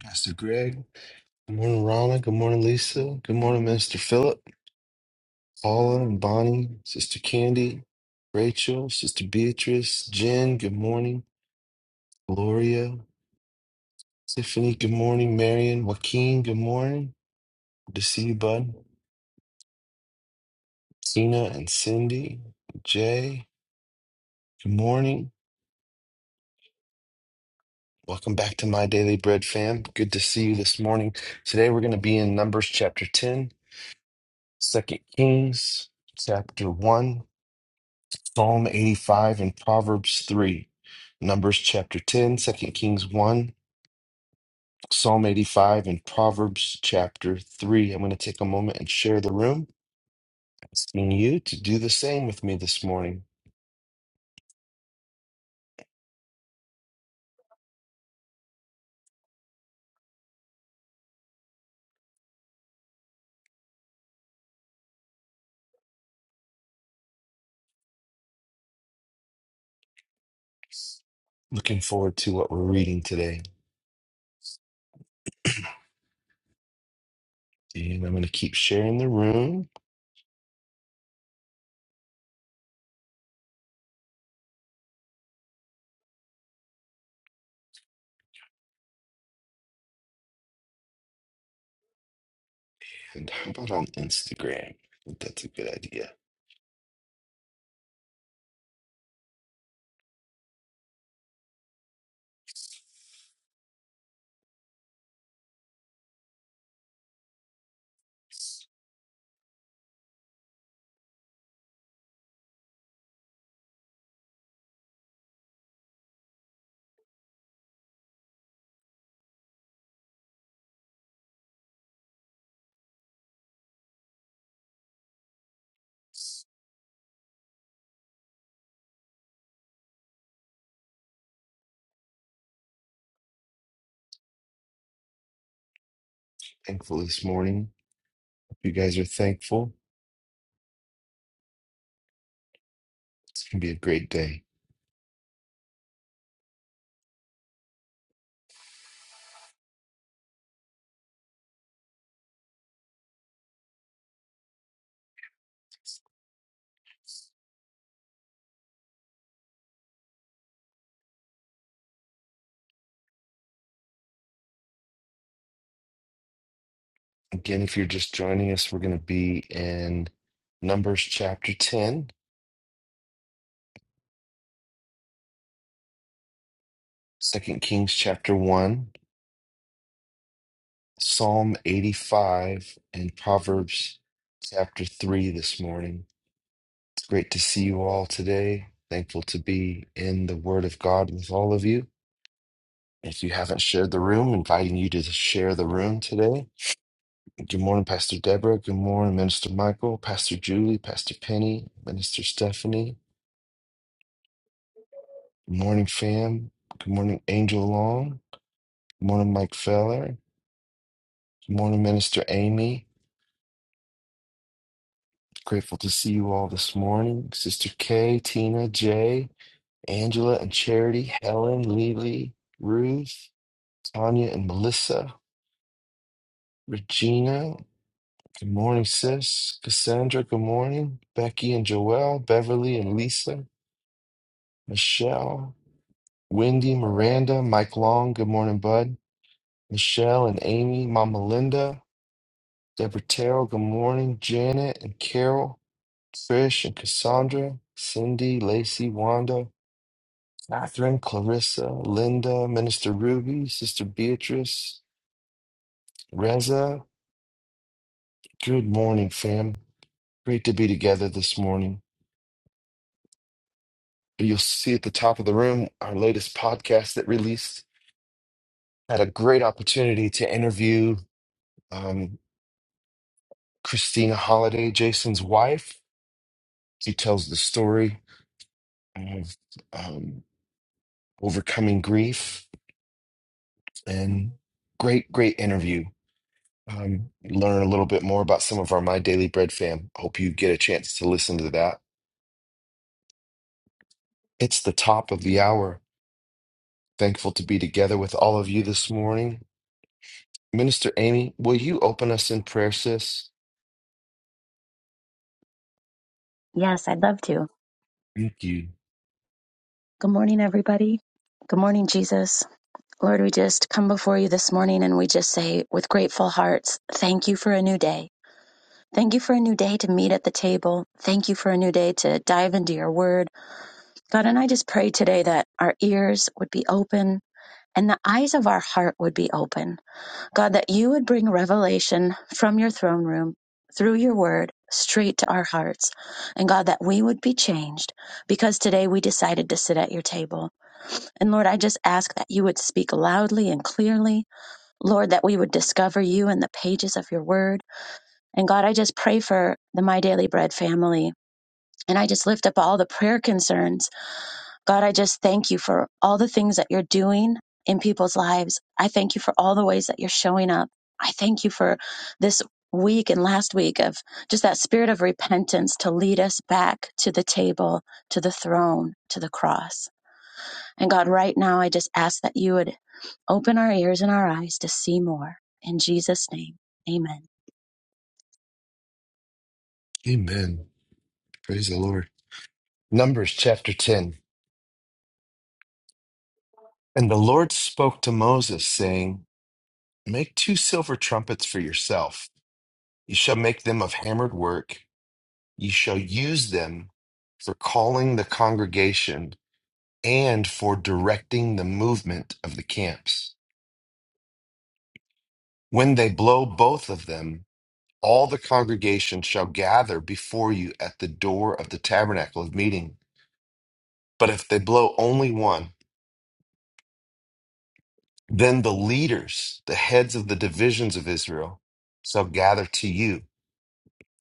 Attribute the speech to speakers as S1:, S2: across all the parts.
S1: Pastor Greg. Good morning, Rana. Good morning, Lisa. Good morning, Minister Philip, Paula and Bonnie, Sister Candy, Rachel, Sister Beatrice, Jen. Good morning, Gloria, Tiffany. Good morning, Marion, Joaquin. Good morning. Good to see you, bud. Tina and Cindy, Jay. Good morning. Welcome back to My Daily Bread fam. Good to see you this morning. Today we're going to be in Numbers chapter 10, Second Kings chapter 1. Psalm 85 and Proverbs 3, Numbers chapter 10, two Kings 1, Psalm 85 and Proverbs chapter 3. I'm going to take a moment and share the room, asking you to do the same with me this morning. Looking forward to what we're reading today. And I'm going to keep sharing the room. And how about on Instagram? I think that's a good idea. Thankful this morning. Hope You guys are thankful. It's going to be a great day. Again, if you're just joining us, we're going to be in Numbers chapter 10, Second Kings chapter 1, Psalm 85, and Proverbs chapter 3 this morning. It's great to see you all today. Thankful to be in the Word of God with all of you. If you haven't shared the room, inviting you to share the room today. Good morning, Pastor Deborah. Good morning, Minister Michael, Pastor Julie, Pastor Penny, Minister Stephanie. Good morning, fam. Good morning, Angel Long. Good morning, Mike Feller. Good morning, Minister Amy. Grateful to see you all this morning. Sister Kay, Tina, Jay, Angela, and Charity, Helen, Lily, Ruth, Tanya, and Melissa, Regina. Good morning, sis. Cassandra, good morning. Becky and Joelle, Beverly and Lisa, Michelle, Wendy, Miranda, Mike Long, good morning, bud. Michelle and Amy, Mama Linda, Deborah Terrell, good morning. Janet and Carol, Trish and Cassandra, Cindy, Lacey, Wanda, Catherine, Clarissa, Linda, Minister Ruby, Sister Beatrice, Reza. Good morning, fam. Great to be together this morning. You'll see at the top of the room our latest podcast that released. Had a great opportunity to interview um, Christina Holiday, Jason's wife. She tells the story of um, overcoming grief and great, great interview um, learn a little bit more about some of our My Daily Bread fam. Hope you get a chance to listen to that. It's the top of the hour. Thankful to be together with all of you this morning. Minister Amy, will you open us in prayer, sis?
S2: Yes, I'd love to.
S1: Thank you.
S2: Good morning, everybody. Good morning, Jesus. Lord, we just come before you this morning and we just say with grateful hearts, thank you for a new day. Thank you for a new day to meet at the table. Thank you for a new day to dive into your word. God, and I just pray today that our ears would be open and the eyes of our heart would be open. God, that you would bring revelation from your throne room through your word straight to our hearts. And God, that we would be changed because today we decided to sit at your table. And Lord, I just ask that you would speak loudly and clearly. Lord, that we would discover you in the pages of your word. And God, I just pray for the My Daily Bread family. And I just lift up all the prayer concerns. God, I just thank you for all the things that you're doing in people's lives. I thank you for all the ways that you're showing up. I thank you for this week and last week of just that spirit of repentance to lead us back to the table, to the throne, to the cross. And God, right now, I just ask that you would Open our ears and our eyes to see more. In Jesus' name, amen.
S1: Amen. Praise the Lord. Numbers chapter 10. And the Lord spoke to Moses, saying, Make two silver trumpets for yourself. You shall make them of hammered work. You shall use them for calling the congregation and for directing the movement of the camps. When they blow both of them, all the congregation shall gather before you at the door of the tabernacle of meeting. But if they blow only one, then the leaders, the heads of the divisions of Israel, shall gather to you.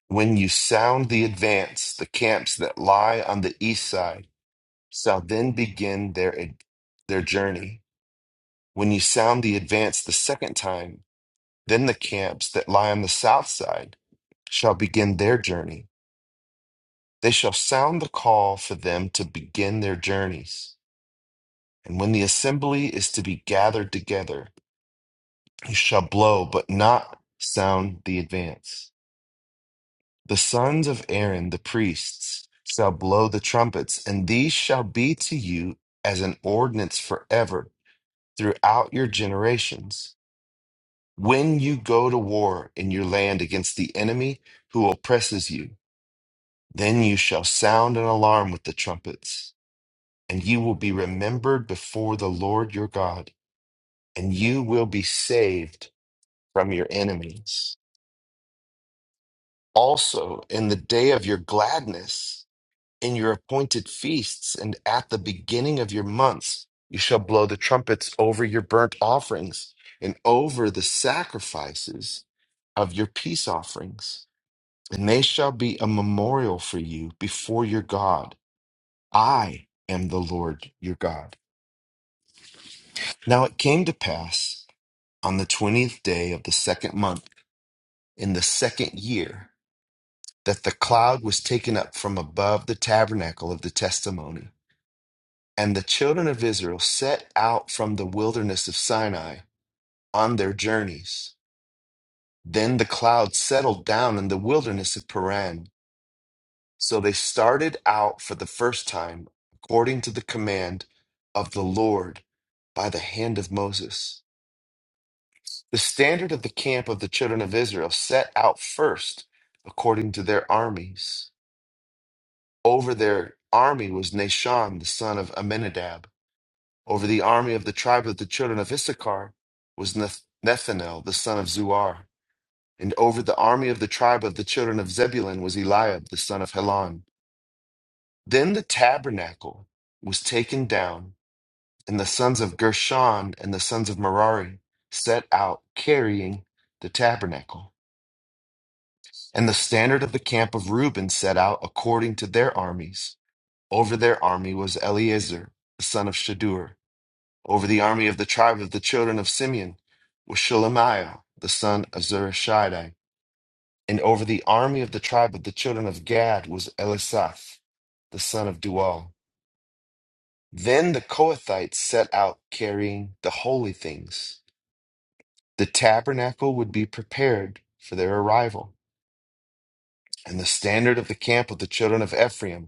S1: When you sound the advance, the camps that lie on the east side shall then begin their, their journey. When you sound the advance the second time, Then the camps that lie on the south side shall begin their journey. They shall sound the call for them to begin their journeys. And when the assembly is to be gathered together, you shall blow, but not sound the advance. The sons of Aaron, the priests, shall blow the trumpets, and these shall be to you as an ordinance forever throughout your generations. When you go to war in your land against the enemy who oppresses you, Then you shall sound an alarm with the trumpets, and you will be remembered before the Lord your God, and you will be saved from your enemies. Also, in the day of your gladness, in your appointed feasts, and at the beginning of your months, you shall blow the trumpets over your burnt offerings and over the sacrifices of your peace offerings, and they shall be a memorial for you before your God I am the Lord your God. Now it came to pass on the 20th day of the second month in the second year that the cloud was taken up from above the tabernacle of the testimony. And the children of Israel set out from the wilderness of Sinai on their journeys. Then the cloud settled down in the wilderness of Paran. So they started out for the first time according to the command of the Lord by the hand of Moses. The standard of the camp of the children of Israel set out first according to their armies. Over their army was Nashon, the son of Amminadab. Over the army of the tribe of the children of Issachar was Neth- Nethanel, the son of Zuar. And over the army of the tribe of the children of Zebulun was Eliab, the son of Helon. Then the tabernacle was taken down, and the sons of Gershon and the sons of Merari set out carrying the tabernacle. And the standard of the camp of Reuben set out according to their armies. Over their army was Eleazar, the son of Shadur. Over the army of the tribe of the children of Simeon was Shelemiah, the son of Zurishaddai. And over the army of the tribe of the children of Gad was Elisaph, the son of Dual. Then the Kohathites set out carrying the holy things. The tabernacle would be prepared for their arrival. And the standard of the camp of the children of Ephraim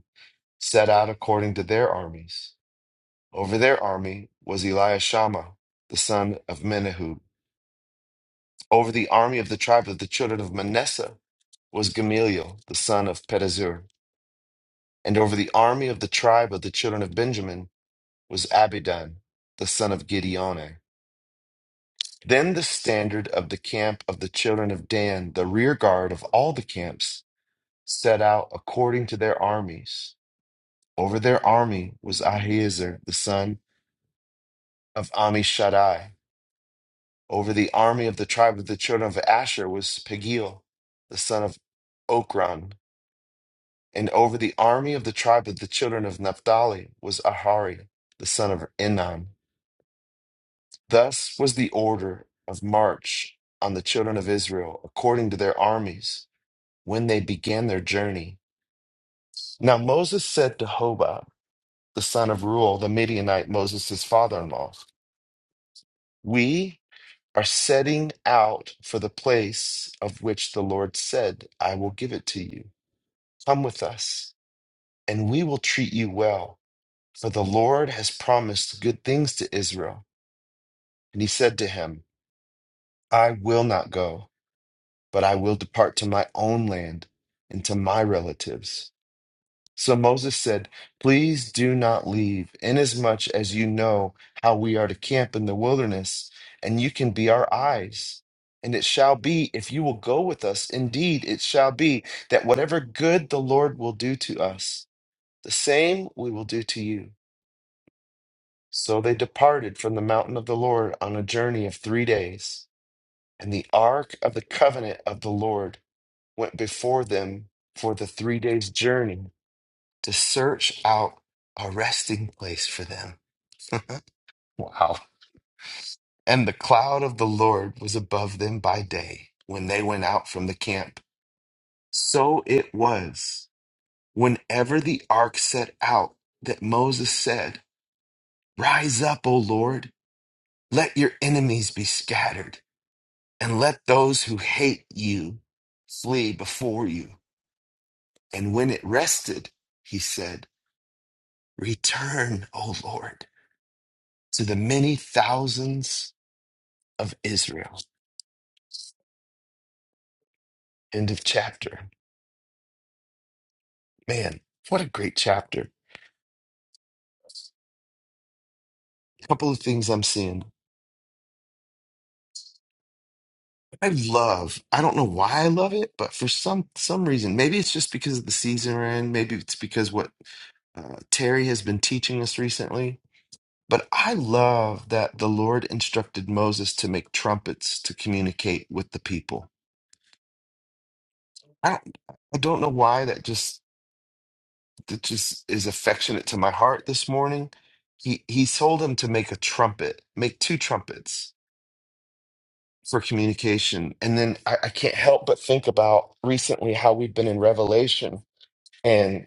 S1: set out according to their armies. Over their army was Eliashama, the son of Menahub. Over the army of the tribe of the children of Manasseh was Gamaliel, the son of Pedazur. And over the army of the tribe of the children of Benjamin was Abidan, the son of Gideone. Then the standard of the camp of the children of Dan, the rear guard of all the camps, set out according to their armies. Over their army was Ahiezer, the son of Amishaddai Over the army of the tribe of the children of Asher was Pagiel, the son of Okran. And over the army of the tribe of the children of Naphtali was Ahari, the son of Enan. Thus was the order of march on the children of Israel, according to their armies, when they began their journey. Now Moses said to Hobah, the son of Ruel, the Midianite, Moses' father in law, We are setting out for the place of which the Lord said, I will give it to you. Come with us, and we will treat you well. For the Lord has promised good things to Israel. And he said to him, I will not go, but I will depart to my own land and to my relatives. So Moses said, Please do not leave, inasmuch as you know how we are to camp in the wilderness, and you can be our eyes. And it shall be, if you will go with us, indeed it shall be, that whatever good the Lord will do to us, the same we will do to you. So they departed from the mountain of the Lord on a journey of three days. And the ark of the covenant of the Lord went before them for the three days' journey to search out a resting place for them. Wow. And the cloud of the Lord was above them by day when they went out from the camp. So it was whenever the ark set out that Moses said, Rise up, O Lord, let your enemies be scattered, and let those who hate you flee before you. And when it rested, he said, Return, O Lord, to the many thousands of Israel. End of chapter. Man, what a great chapter. couple of things I'm seeing. I love, I don't know why I love it, but for some some reason, maybe it's just because of the season we're in, maybe it's because what uh, Terry has been teaching us recently. But I love that the Lord instructed Moses to make trumpets to communicate with the people. I don't, I don't know why that just. that just is affectionate to my heart this morning. He he told him to make a trumpet, make two trumpets for communication. And then I, I can't help but think about recently how we've been in Revelation and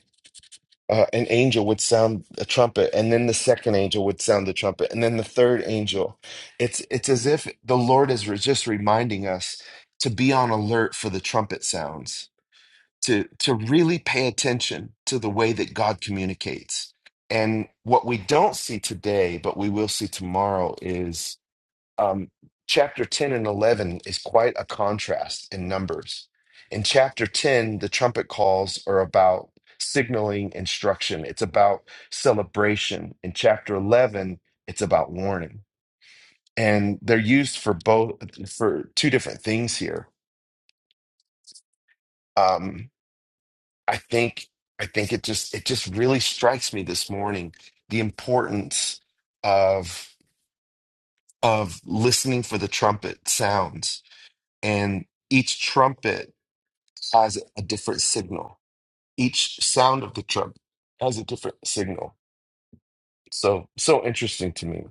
S1: uh, an angel would sound a trumpet, and then the second angel would sound the trumpet, and then the third angel. It's it's as if the Lord is re- just reminding us to be on alert for the trumpet sounds to to really pay attention to the way that God communicates. And what we don't see today, but we will see tomorrow, is um, chapter ten and eleven is quite a contrast in numbers. In chapter ten, the trumpet calls are about signaling instruction. It's about celebration. In chapter eleven, it's about warning, and they're used for both for two different things here. Um, I think I think it just it just really strikes me this morning the importance of of listening for the trumpet sounds and each trumpet has a different signal. Each sound of the trumpet has a different signal. So so interesting to me.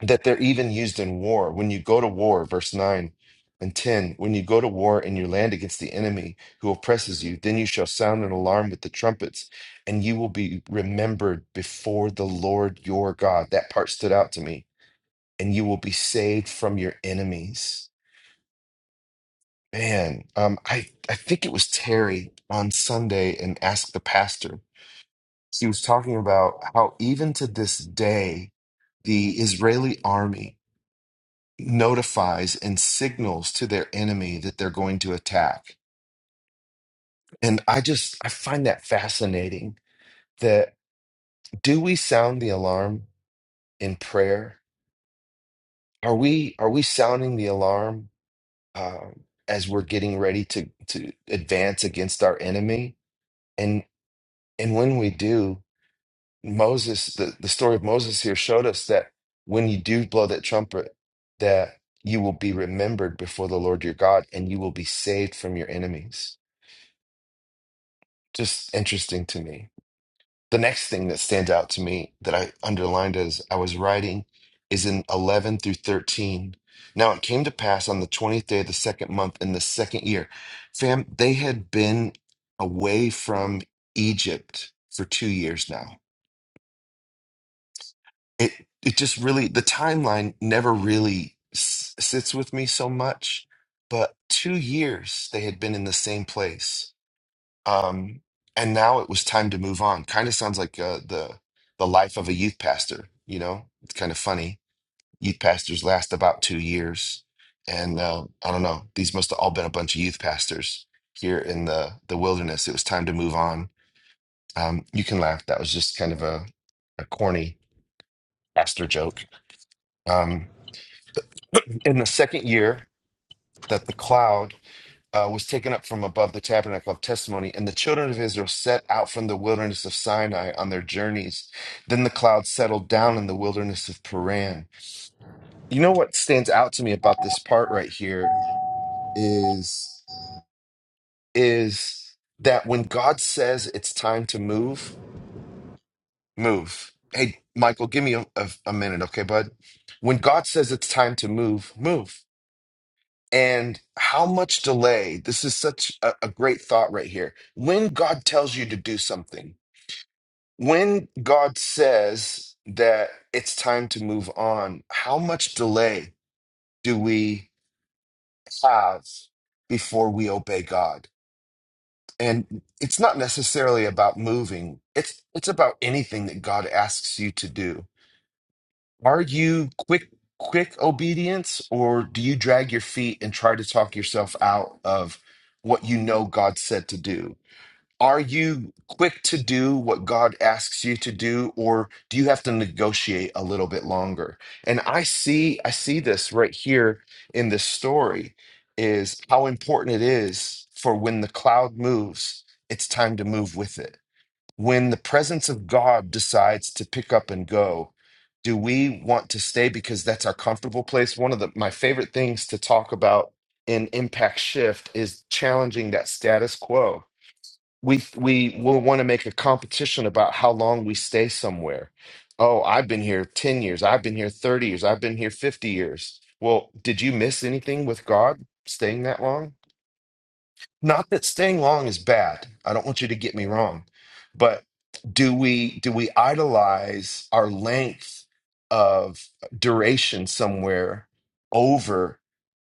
S1: that they're even used in war. When you go to war, verse 9 and 10, when you go to war and you land against the enemy who oppresses you, then you shall sound an alarm with the trumpets, and you will be remembered before the Lord your God. That part stood out to me. And you will be saved from your enemies. Man, um, I, I think it was Terry on Sunday and Ask the Pastor. He was talking about how even to this day, the Israeli army notifies and signals to their enemy that they're going to attack. And I just I find that fascinating that do we sound the alarm in prayer? Are we are we sounding the alarm um, as we're getting ready to to advance against our enemy? And and when we do, Moses the, the story of Moses here showed us that when you do blow that trumpet, that you will be remembered before the Lord your God and you will be saved from your enemies just interesting to me. The next thing that stands out to me that I underlined as I was writing is in 11 through 13. Now it came to pass on the 20th day of the second month in the second year. Fam, they had been away from Egypt for two years now. It, it just really, the timeline never really s- sits with me so much, but two years they had been in the same place um, and now it was time to move on. Kind of sounds like uh, the the life of a youth pastor. You know, it's kind of funny. Youth pastors last about two years, and uh, I don't know. These must have all been a bunch of youth pastors here in the the wilderness. It was time to move on. Um, you can laugh. That was just kind of a a corny pastor joke. Um, in the second year that the cloud uh, was taken up from above the tabernacle of testimony, and the children of Israel set out from the wilderness of Sinai on their journeys. Then the cloud settled down in the wilderness of Paran. You know what stands out to me about this part right here is is that when God says it's time to move, move. Hey, Michael, give me a, a, a minute, okay, bud? When God says it's time to move, move And how much delay? This is such a, a great thought right here. When God tells you to do something, when God says that it's time to move on, how much delay do we have before we obey God? And it's not necessarily about moving. It's it's about anything that God asks you to do Are you quick quick obedience or do you drag your feet and try to talk yourself out of what you know God said to do? Are you quick to do what God asks you to do or do you have to negotiate a little bit longer? And I see I see this right here in this story is how important it is for when the cloud moves, it's time to move with it when the presence of God decides to pick up and go, do we want to stay because that's our comfortable place? One of the my favorite things to talk about in impact shift is challenging that status quo. We we will want to make a competition about how long we stay somewhere. Oh, I've been here 10 years. I've been here 30 years. I've been here 50 years. Well, did you miss anything with God staying that long? Not that staying long is bad. I don't want you to get me wrong, but do we do we idolize our length of duration somewhere over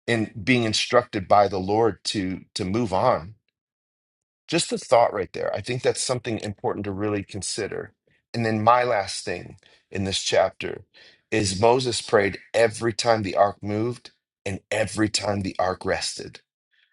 S1: in being instructed by the Lord to to move on? Just the thought right there. I think that's something important to really consider. And then my last thing in this chapter is Moses prayed every time the ark moved and every time the ark rested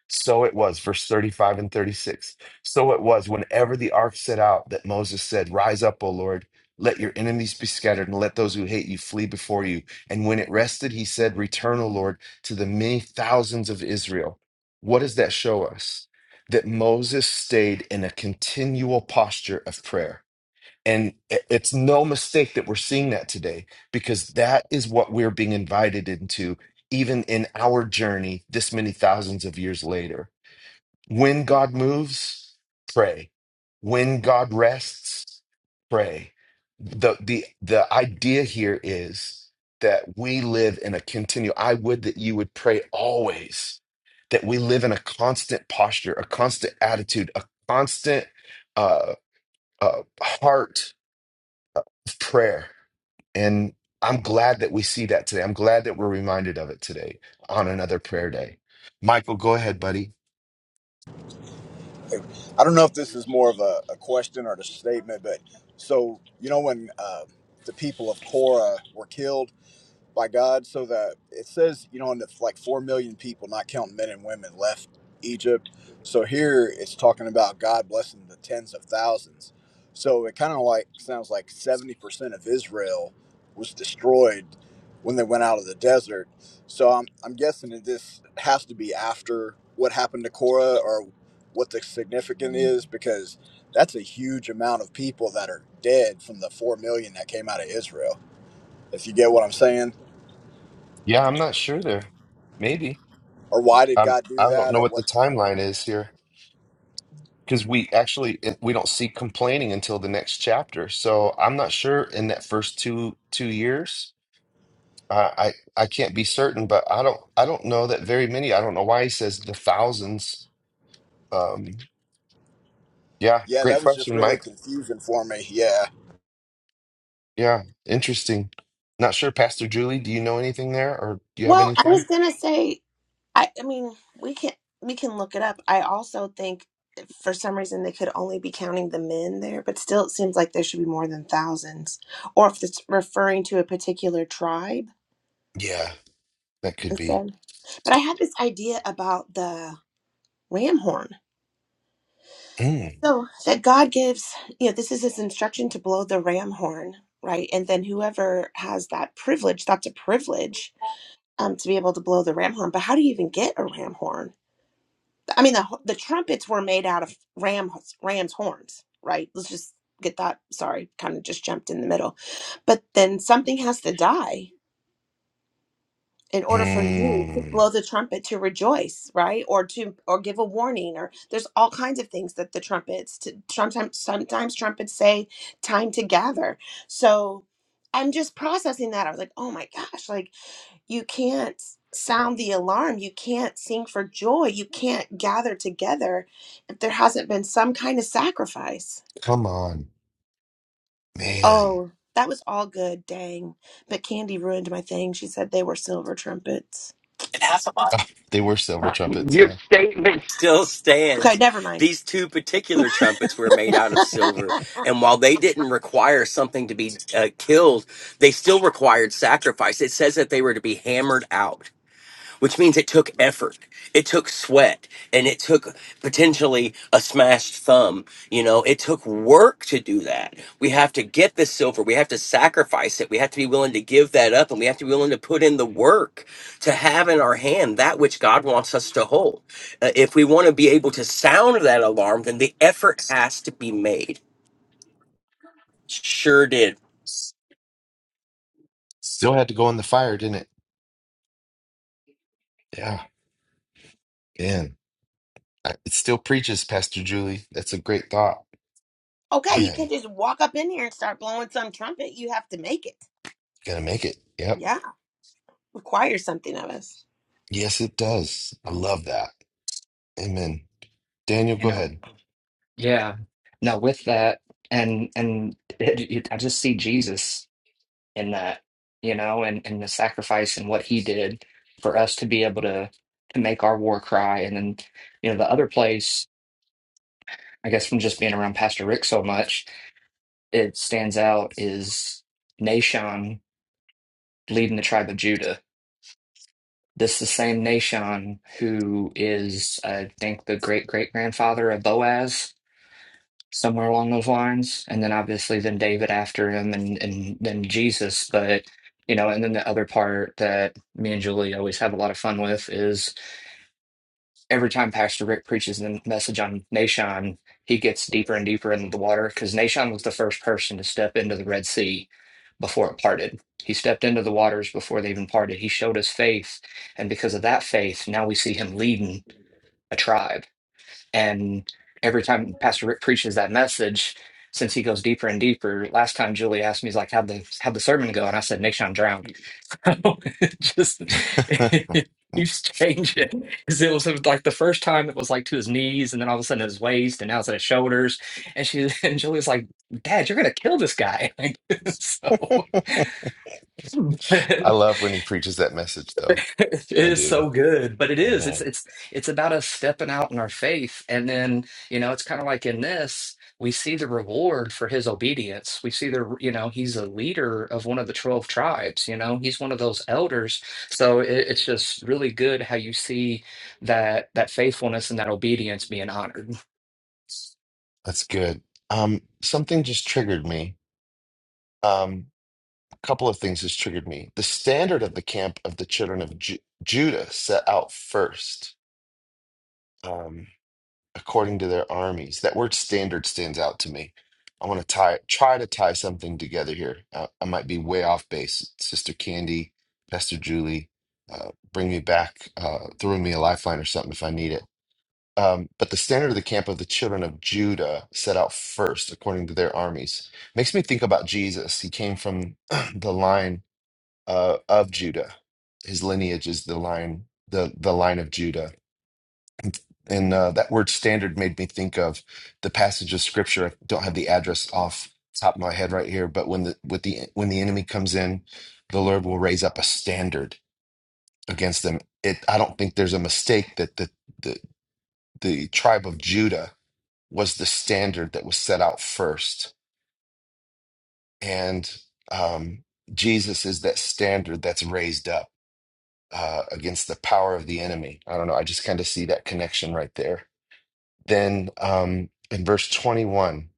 S1: so it was, verse 35 and 36. So it was whenever the ark set out that Moses said, Rise up, O Lord, let your enemies be scattered, and let those who hate you flee before you. And when it rested, he said, Return, O Lord, to the many thousands of Israel. What does that show us? That Moses stayed in a continual posture of prayer. And i- it's no mistake that we're seeing that today because that is what we're being invited into even in our journey this many thousands of years later when God moves, pray. When God rests, pray. The the the idea here is that we live in a continual. I would that you would pray always, that we live in a constant posture, a constant attitude, a constant uh, uh, heart of prayer. And I'm glad that we see that today. I'm glad that we're reminded of it today on another prayer day. Michael, go ahead, buddy.
S3: I don't know if this is more of a, a question or a statement, but so you know when uh, the people of Korah were killed by God so that it says, you know, and if like 4 million people, not counting men and women, left Egypt. So here it's talking about God blessing the tens of thousands. So it kind of like sounds like 70% of Israel was destroyed when they went out of the desert. So I'm, I'm guessing that this has to be after what happened to Korah or what the significant is because that's a huge amount of people that are dead from the 4 million that came out of Israel. If you get what I'm saying?
S1: Yeah, I'm not sure there. Maybe.
S3: or why did
S1: I'm,
S3: God
S1: I
S3: do
S1: don't
S3: that
S1: know
S3: or
S1: what the
S3: what?
S1: timeline is here because we actually it- we don't see complaining until the next chapter. So I'm not sure in that first two two years. Uh, I I can't be certain, but I don't I don't know that very many. I don't know why he says the thousands. Um, yeah,
S3: Yeah,
S1: great
S3: that was just
S1: question,
S3: really
S1: Mike.
S3: confusing for me. Yeah.
S1: Yeah, interesting. Not sure, Pastor Julie. Do you know anything there, or do you have
S4: Well, I was
S1: anything?
S4: gonna say, I, I mean, we can we can look it up. I also think for some reason they could only be counting the men there, but still, it seems like there should be more than thousands, or if it's referring to a particular tribe
S1: Yeah, that could be.
S4: instead. But I had this idea about the ram horn.
S1: Mm,
S4: So that God gives, you know, this is his instruction to blow the ram horn, right? And then whoever has that privilege, that's a privilege, um, to be able to blow the ram horn. But how do you even get a ram horn? I mean, the the trumpets were made out of ram ram's horns, right? Let's just get that. Sorry, kind of just jumped in the middle. But then something has to die in order for you to
S1: mm,
S4: blow the trumpet to rejoice, right? Or to or give a warning or there's all kinds of things that the trumpets to sometimes sometimes trumpets say time to gather. So I'm just processing that. I was like, "Oh my gosh, like you can't sound the alarm. You can't sing for joy. You can't gather together if there hasn't been some kind of sacrifice.
S1: come on, man.
S4: Oh, that was all good. Dang. But Candy ruined my thing. She said they were silver trumpets.
S5: and half a mile.
S1: They were silver trumpets.
S5: Your
S1: Yeah.
S5: statement Still
S4: Okay,
S5: stands.
S4: never mind.
S5: These two particular trumpets were made out of silver, and while they didn't require something to be uh, killed, they still required sacrifice. It says that they were to be hammered out which means it took effort it took sweat and it took potentially a smashed thumb you know it took work to do that we have to get the silver we have to sacrifice it we have to be willing to give that up and we have to be willing to put in the work to have in our hand that which god wants us to hold Uh, if we want to be able to sound that alarm then the effort has to be made sure did
S1: Still had to go in the fire, didn't it? Yeah, man. I, it still preaches, Pastor Julie. That's a great thought.
S4: okay, you
S6: You
S4: can't
S1: Man,
S4: just walk up in here and start blowing some trumpet. You have to make it.
S1: gonna make it. Yep.
S4: Yeah, requires something of us.
S1: Yes, it does. I love that. Amen. Daniel, go
S6: know,
S1: ahead.
S6: yeah. No, with that, and and it, it, I just see Jesus in that, you know, and and the sacrifice and what he did for us to be able to to make our war cry. And then, you know, the other place, I guess, from just being around Pastor Rick so much, it stands out is Nashon leading the tribe of Judah. This is the same Nashon who is, I think, the great great grandfather of Boaz somewhere along those lines. And then obviously then David after him and and then Jesus. But you know, and then the other part that me and Julie always have a lot of fun with is every time Pastor Rick preaches the message on Nashon, he gets deeper and deeper into the water because Nashon was the first person to step into the Red Sea before it parted. He stepped into the waters before they even parted. He showed his faith. And because of that faith, now we see him leading a tribe and every time Pastor Rick preaches that message, since he goes deeper and deeper, last time Julie asked me, he's like, how'd the, how'd the sermon go? And I said, Nation drowned. It Just it keeps changing. Because it was like the first time it was like to his knees, and then all of a sudden his waist, and now it's at his shoulders. And she and Julie's like, Dad, you're gonna kill this guy. Like, so
S1: I love when he preaches that message, though.
S6: It
S1: I
S6: is
S1: do.
S6: so good, but it is.
S1: hmm
S6: It's it's it's about us stepping out in our faith, and then you know it's kind of like in this we see the reward for his obedience. We see the you know he's a leader of one of the twelve tribes. You know he's one of those elders, so it, it's just really good how you see that that faithfulness and that obedience being honored.
S1: That's good. Um, something just triggered me. Um, a couple of things just triggered me. The standard of the camp of the children of Ju Judah set out first. Um, according to their armies. That word standard stands out to me. I want to tie try to tie something together here. Uh, I might be way off base. Sister Candy, Pastor Julie, uh, bring me back, uh, throw me a lifeline or something if I need it. Um, but the standard of the camp of the children of Judah set out first according to their armies. Makes me think about Jesus. He came from the line uh, of Judah. His lineage is the line, the the line of Judah and uh, that word standard made me think of the passage of scripture. I don't have the address off the top of my head right here, but when the with the when the enemy comes in, the Lord will raise up a standard against them. It I don't think there's a mistake that the the the tribe of Judah was the standard that was set out first, and um, Jesus is that standard that's raised up uh, against the power of the enemy. I don't know. I just kind of see that connection right there. Then um, in verse twenty one.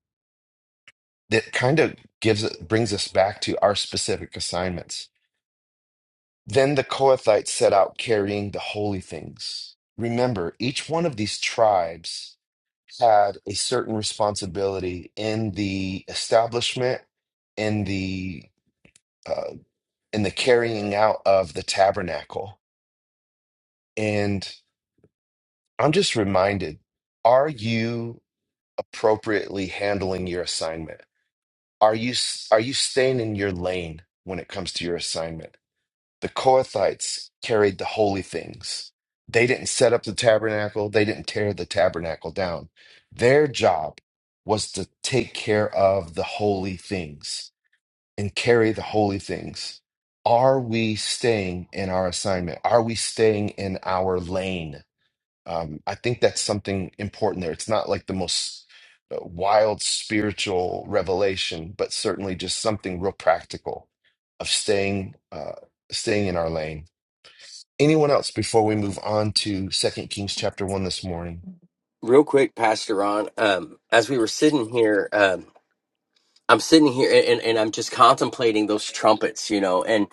S1: that kind of gives it brings us back to our specific assignments. Then the Kohathites set out carrying the holy things. Remember, each one of these tribes had a certain responsibility in the establishment, in the uh, in the carrying out of the tabernacle. And I'm just reminded: Are you appropriately handling your assignment? Are you s- are you staying in your lane when it comes to your assignment? The Kohathites carried the holy things. They didn't set up the tabernacle, they didn't tear the tabernacle down. Their job was to take care of the holy things and carry the holy things. Are we staying in our assignment? Are we staying in our lane? Um, I think that's something important there. It's not like the most uh, wild spiritual revelation, but certainly just something real practical of staying uh, staying in our lane. Anyone else before we move on to Second Kings chapter one this morning?
S5: real quick pastor ron um, as we were sitting here um, I'm sitting here and, and, and I'm just contemplating those trumpets, you know, and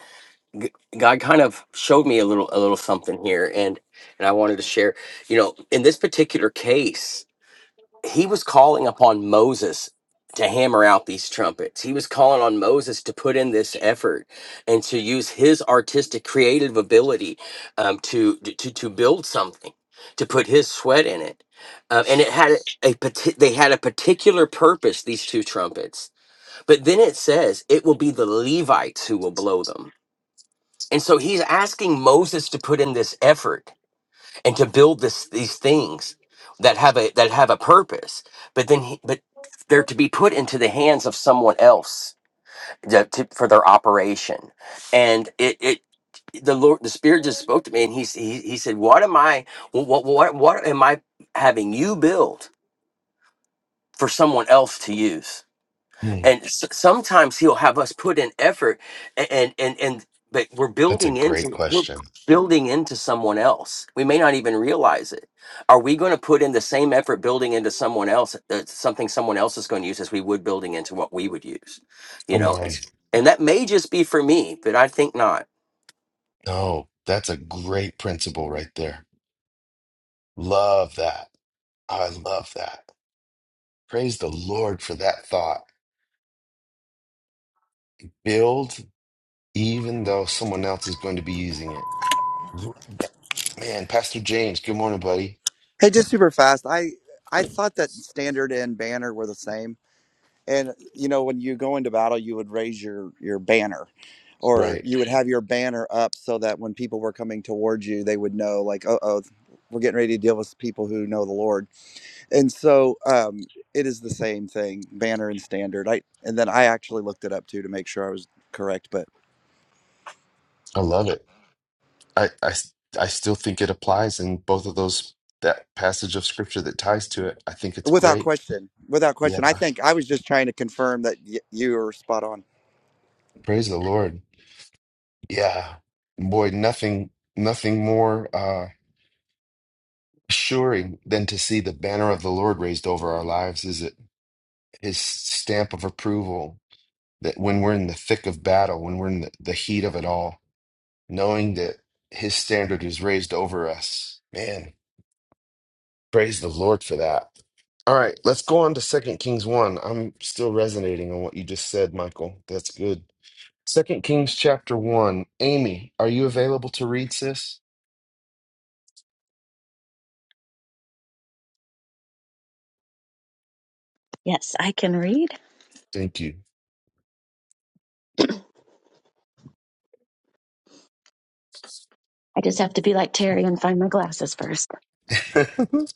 S5: g- God kind of showed me a little a little something here and and I wanted to share, you know, in this particular case, he was calling upon Moses to hammer out these trumpets. He was calling on Moses to put in this effort and to use his artistic creative ability um, to, to to build something, to put his sweat in it. Um, and it had a, a parti- they had a particular purpose these two trumpets but then it says it will be the Levites who will blow them. And so he's asking Moses to put in this effort and to build this these things that have a that have a purpose. But then he, but they're to be put into the hands of someone else to, to- for their operation. And it, it the Lord, the Spirit just spoke to me, and he he, he said, "What am I? What what what am I having you build for someone else to use?"
S1: Hmm,
S5: and s- sometimes he'll have us put in effort a- and and and but we're
S1: that's a
S5: building
S1: great
S5: into we're
S1: question.
S5: building into someone else we may not even realize it are we going to put in the same effort building into someone else uh, something someone else is going to use as we would building into what we would use you
S1: Come
S5: know
S1: on,
S5: it's- and that may just be for me but i think not
S1: no, that's a great principle right there. Love that. I love that. Praise the Lord for that thought. Build even though someone else is going to be using it. Lo- that- Man, Pastor James, good morning, buddy.
S7: Hey, just super fast. I I thought that standard and banner were the same. And you know, when you go into battle, you would raise your your banner, or
S1: Right.
S7: you would have your banner up so that when people were coming towards you, they would know, like, oh, oh, we're getting ready to deal with people who know the Lord. And so, um, it is the same thing, banner and standard. I and then I actually looked it up too to make sure I was correct, but
S1: I love it. I, I, s- I still think it applies in both of those, that passage of scripture that ties to it. I think it's
S7: without
S1: great.
S7: question, without
S1: Yeah.
S7: question, I think I was just trying to confirm that y- you were spot on.
S1: Praise the Lord. Yeah. Boy, nothing, nothing more uh assuring than to see the banner of the Lord raised over our lives, is it? His stamp of approval that when we're in the thick of battle, when we're in the, the heat of it all, knowing that his standard is raised over us. Man, Praise the Lord for that. All right, let's go on to Second Kings 1. I'm still resonating on what you just said, Michael. That's good. Second Kings chapter 1. Amy, are you available to read, sis?
S2: Yes, I can read.
S1: Thank you.
S2: I just have to be like Terry and find my glasses first.
S1: I'm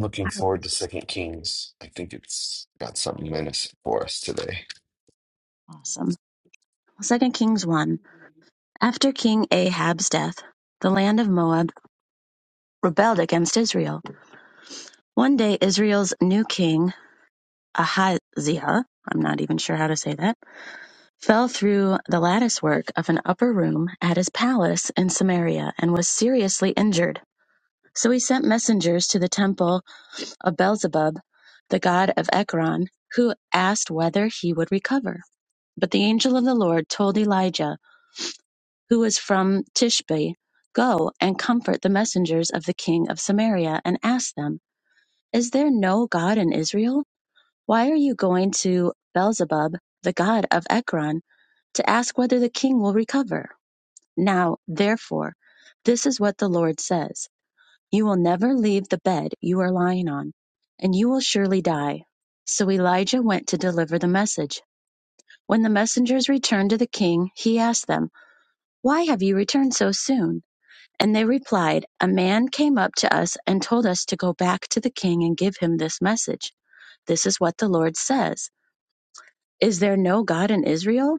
S1: looking forward to Second Kings. I think it's got something menace for us today.
S2: Awesome. Second Kings 1. After King Ahab's death, the land of Moab rebelled against Israel. One day, Israel's new king, Ahaziah, I'm not even sure how to say that, fell through the lattice work of an upper room at his palace in Samaria and was seriously injured. So he sent messengers to the temple of Beelzebub, the god of Ekron, who asked whether he would recover. But the angel of the Lord told Elijah, who was from Tishbe, Go and comfort the messengers of the king of Samaria, and ask them, Is there no God in Israel? Why are you going to Beelzebub, the god of Ekron, to ask whether the king will recover? Now, therefore, this is what the Lord says. You will never leave the bed you are lying on, and you will surely die. So Elijah went to deliver the message. When the messengers returned to the king, he asked them, Why have you returned so soon? And they replied, A man came up to us and told us to go back to the king and give him this message. This is what the Lord says Is there no God in Israel?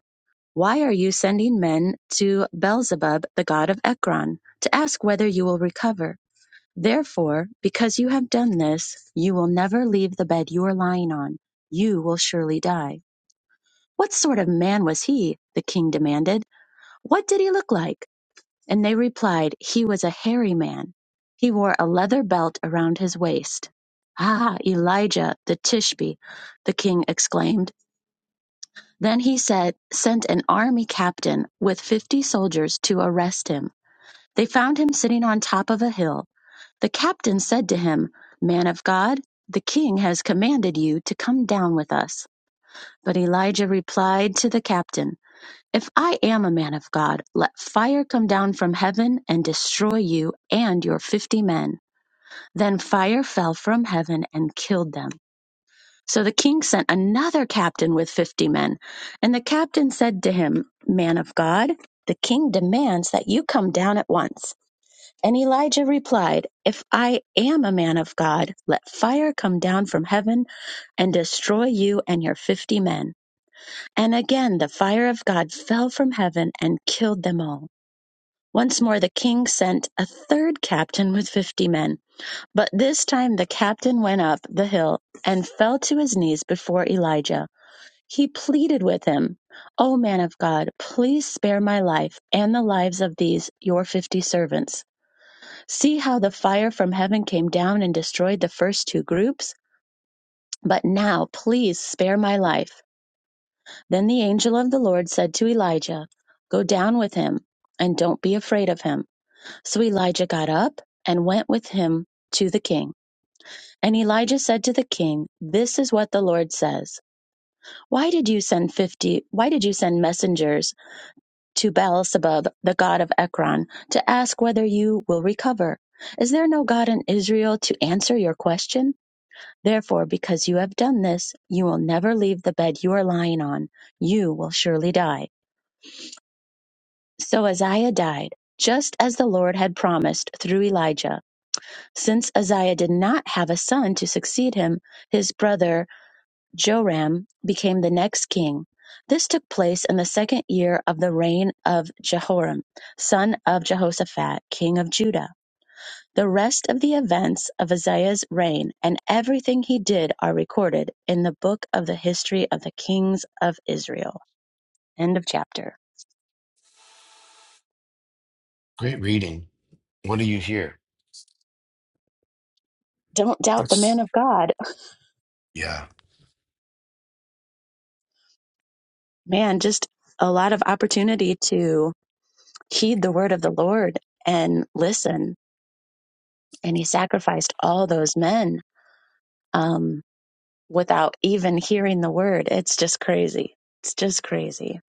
S2: Why are you sending men to Beelzebub, the god of Ekron, to ask whether you will recover? Therefore, because you have done this, you will never leave the bed you are lying on. You will surely die. What sort of man was he? The king demanded. What did he look like? And they replied, He was a hairy man. He wore a leather belt around his waist. Ah, Elijah the Tishbe, the king exclaimed. Then he said, sent an army captain with fifty soldiers to arrest him. They found him sitting on top of a hill. The captain said to him, Man of God, the king has commanded you to come down with us. But Elijah replied to the captain, If I am a man of God, let fire come down from heaven and destroy you and your fifty men. Then fire fell from heaven and killed them. So the king sent another captain with fifty men. And the captain said to him, Man of God, the king demands that you come down at once. And Elijah replied, If I am a man of God, let fire come down from heaven and destroy you and your fifty men. And again the fire of God fell from heaven and killed them all. Once more the king sent a third captain with fifty men. But this time the captain went up the hill and fell to his knees before Elijah. He pleaded with him, O man of God, please spare my life and the lives of these your fifty servants. See how the fire from heaven came down and destroyed the first two groups? But now, please spare my life. Then the angel of the Lord said to Elijah, Go down with him, and don't be afraid of him. So Elijah got up and went with him to the king. And Elijah said to the king, This is what the Lord says. Why did you send fifty why did you send messengers to Baalsabub, the god of Ekron, to ask whether you will recover? Is there no God in Israel to answer your question? Therefore, because you have done this, you will never leave the bed you are lying on. You will surely die. So Uzziah died, just as the Lord had promised through Elijah. Since Uzziah did not have a son to succeed him, his brother Joram became the next king. This took place in the second year of the reign of Jehoram, son of Jehoshaphat, king of Judah. The rest of the events of Uzziah's reign and everything he did are recorded in the book of the history of the kings of Israel. End of chapter.
S1: Great reading. What do you hear?
S2: Don't doubt the man
S1: What's
S2: of God.
S1: yeah.
S2: Man, just a lot of opportunity to heed the word of the Lord and listen. And he sacrificed all those men um, without even hearing the word. It's just crazy. It's just crazy.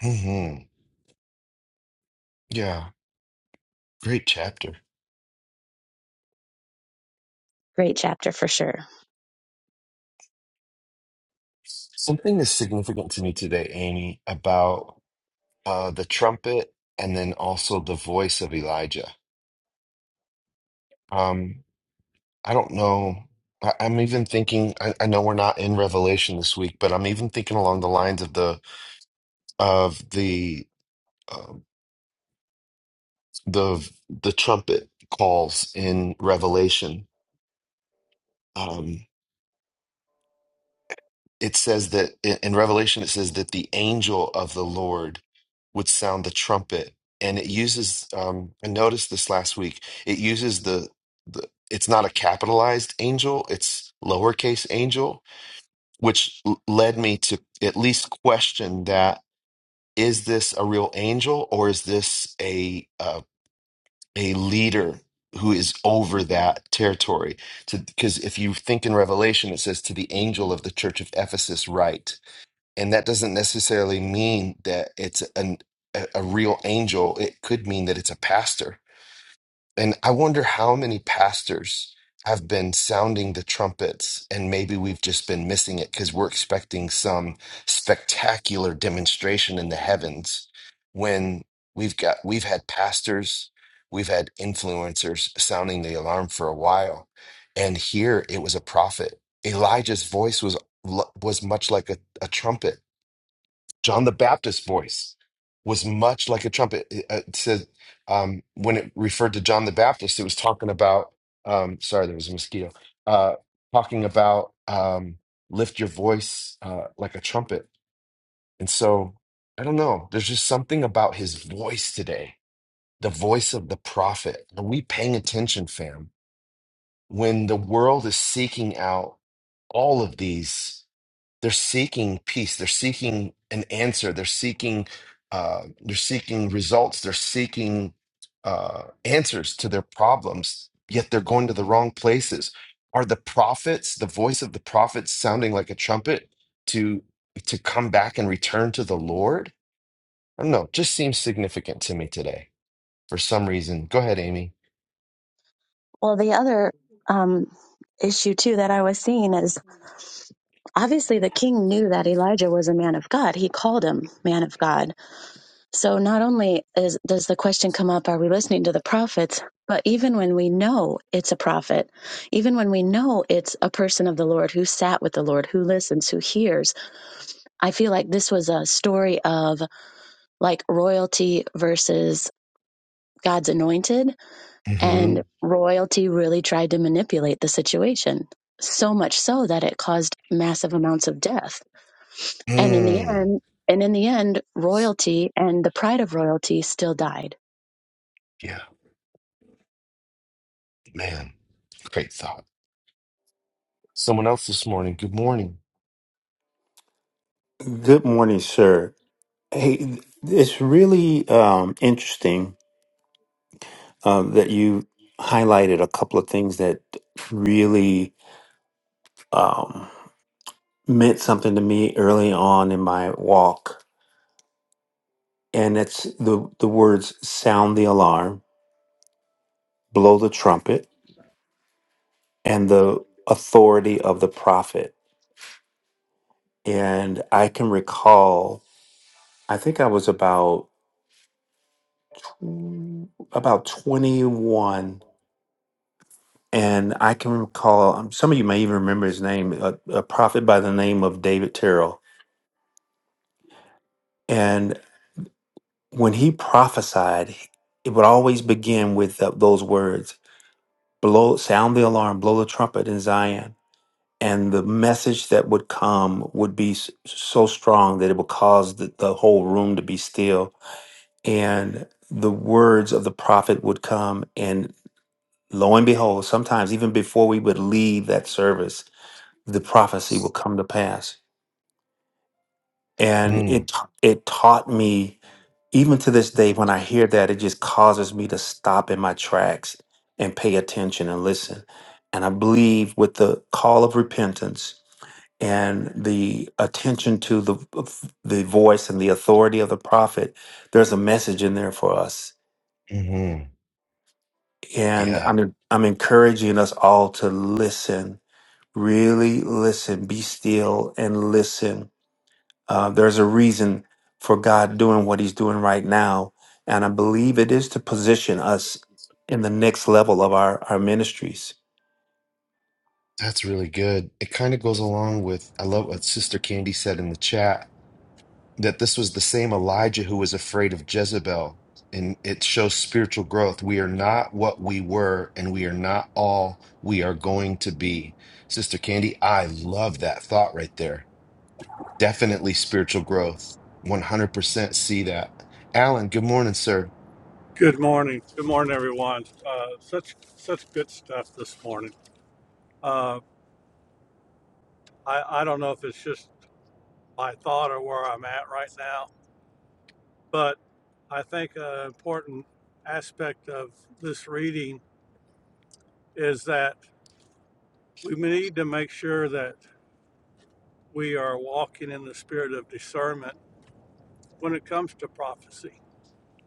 S1: hmm Yeah. Great chapter.
S2: Great chapter for sure.
S1: Something is significant to me today, Amy, about uh, the trumpet, and then also the voice of Elijah. Um, I don't know. I, I'm even thinking. I, I know we're not in Revelation this week, but I'm even thinking along the lines of the of the um the the trumpet calls in Revelation. Um. it says that in in Revelation, it says that the angel of the Lord would sound the trumpet, and it uses. Um, I noticed this last week. It uses the the. It's not a capitalized angel; it's lowercase angel, which l- led me to at least question that: is this a real angel, or is this a uh, a leader who is over that territory? because if you think in Revelation, it says to the angel of the church of Ephesus, write. And that doesn't necessarily mean that it's an, a, a real angel. It could mean that it's a pastor. And I wonder how many pastors have been sounding the trumpets, and maybe we've just been missing it because we're expecting some spectacular demonstration in the heavens when we've got we've had pastors, we've had influencers sounding the alarm for a while. And here it was a prophet. Elijah's voice was lo- was much like a, a trumpet John the Baptist's voice was much like a trumpet. It, uh, it said um, when it referred to John the Baptist, it was talking about. Um, sorry, there was a mosquito. Uh, talking about um, lift your voice uh, like a trumpet. And so I don't know. There's just something about his voice today, the voice of the prophet. Are we paying attention, fam? When the world is seeking out all of these they're seeking peace they're seeking an answer they're seeking uh, they're seeking results they're seeking uh, answers to their problems yet they're going to the wrong places are the prophets the voice of the prophets sounding like a trumpet to to come back and return to the lord i don't know it just seems significant to me today for some reason go ahead amy
S2: Well, the other um, issue too that I was seeing is obviously the king knew that Elijah was a man of God. He called him man of God. So not only is, does the question come up, are we listening to the prophets? But even when we know it's a prophet, even when we know it's a person of the Lord who sat with the Lord, who listens, who hears, I feel like this was a story of like royalty versus God's anointed,
S1: hmm
S2: and royalty really tried to manipulate the situation, so much so that it caused massive amounts of death And in the
S1: mm.
S2: end, and in the end, royalty and the pride of royalty still died.
S1: yeah man great thought someone else this morning good morning
S8: Good morning, sir. Hey, it's really um, interesting um, that you highlighted a couple of things that really um, meant something to me early on in my walk, and it's the the words "sound the alarm," "blow the trumpet," and the authority of the prophet. And I can recall, I think I was about about twenty one And I can recall, um, some of you may even remember his name, a, a prophet by the name of David Terrell. And when he prophesied, he- it would always begin with th- those words blow, sound the alarm, blow the trumpet in Zion. And the message that would come would be s- so strong that it would cause the, the whole room to be still. And the words of the prophet would come. And lo and behold, sometimes even before we would leave that service, the prophecy would come to pass. and
S1: Mm.
S8: it it taught me even to this day when i hear that it just causes me to stop in my tracks and pay attention and listen and i believe with the call of repentance and the attention to the the voice and the authority of the prophet there's a message in there for us
S1: hmm
S8: and
S1: Yeah,
S8: i'm i'm encouraging us all to listen really listen be still and listen Uh, there's a reason for God doing what He's doing right now. And I believe it is to position us in the next level of our, our ministries.
S1: that's really good. It kind of goes along with, I love what Sister Candy said in the chat, that this was the same Elijah who was afraid of Jezebel. And it shows spiritual growth. We are not what we were, and we are not all we are going to be. Sister Candy, I love that thought right there. Definitely spiritual growth. 100% see that. Alan, good morning, sir.
S9: Good morning. Good morning, everyone. Uh, such such good stuff this morning. Uh, I I don't know if it's just my thought or where I'm at right now, but I think an important aspect of this reading is that we need to make sure that we are walking in the spirit of discernment when it comes to prophecy.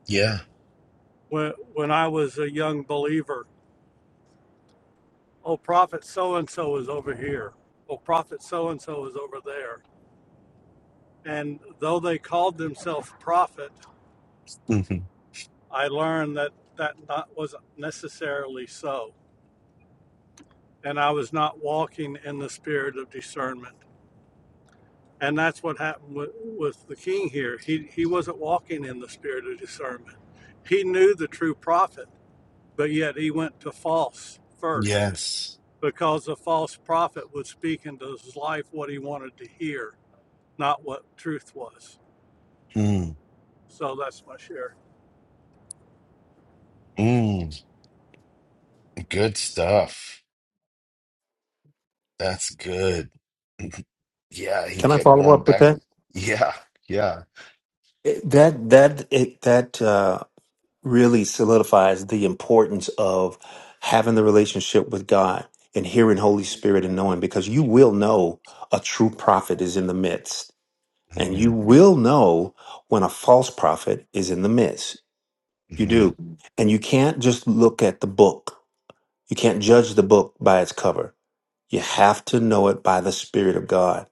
S1: Yeah.
S9: When when I was a young believer, oh, prophet so and so is over here. Oh, prophet so and so is over there And though they called themselves prophet,
S1: hmm
S9: I learned that that not, wasn't necessarily so. And I was not walking in the spirit of discernment. And that's what happened with, with the king here. He, he wasn't walking in the spirit of discernment. He knew the true prophet, but yet he went to false first
S1: Yes.
S9: because the false prophet would speak into his life what he wanted to hear, not what truth was.
S1: Mm.
S9: So that's my share.
S1: Mm. Good stuff. That's good. Yeah, he
S8: Can I
S1: kept
S8: follow
S1: going
S8: up with
S1: back.
S8: that?
S1: Yeah, yeah.
S8: It- that that it, that uh, really solidifies the importance of having the relationship with God and hearing Holy Spirit and knowing because you will know a true prophet is in the midst, and
S1: hmm
S8: you will know when a false prophet is in the midst. You
S1: hmm
S8: do, and you can't just look at the book You can't judge the book by its cover. You have to know it by the Spirit of God.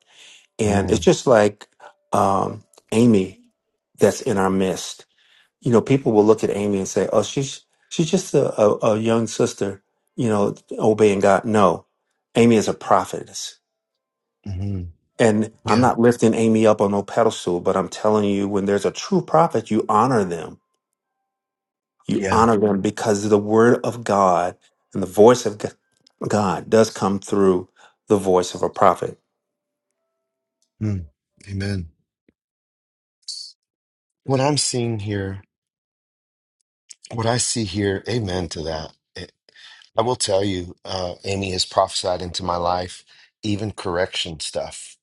S1: Come
S8: And it's
S1: on.
S8: just like um, Amy that's in our midst. You know, people will look at Amy and say, oh, she's, she's just a, a, a young sister, you know, obeying God. No, Amy is a prophetess.
S1: hmm
S8: And I'm
S1: Yeah,
S8: not lifting Amy up on no pedestal, but I'm telling you, when there's a true prophet, you honor them You
S1: yeah.
S8: honor them because the word of God and the voice of G- God does come through the voice of a prophet.
S1: Mm. Amen. What I'm seeing here, what I see here, amen to that. It- I will tell you, uh, Amy has prophesied into my life, even correction stuff.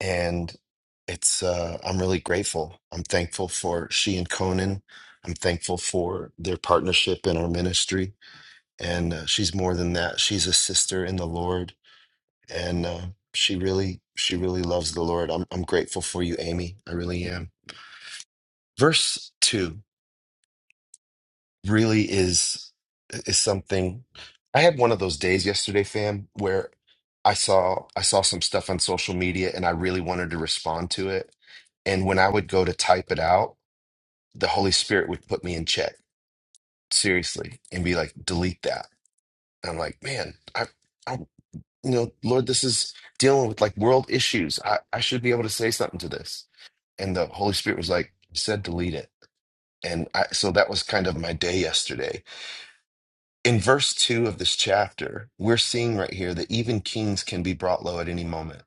S1: And it's, uh, I'm really grateful. I'm thankful for she and Conan. I'm thankful for their partnership in our ministry. and uh, she's more than that. She's a sister in the Lord, and uh, she really, she really loves the Lord. I'm, I'm grateful for you, Amy. I really am. Verse two really is is something. I had one of those days yesterday, fam, where I saw I saw some stuff on social media, and I really wanted to respond to it. And when I would go to type it out, the Holy Spirit would put me in check, seriously, and be like, delete that. And I'm like, man, I, I you know, Lord, this is dealing with like world issues. I, I should be able to say something to this. And the Holy Spirit was like, "You said delete it. And I, so that was kind of my day yesterday. In verse two of this chapter, we're seeing right here that even kings can be brought low at any moment.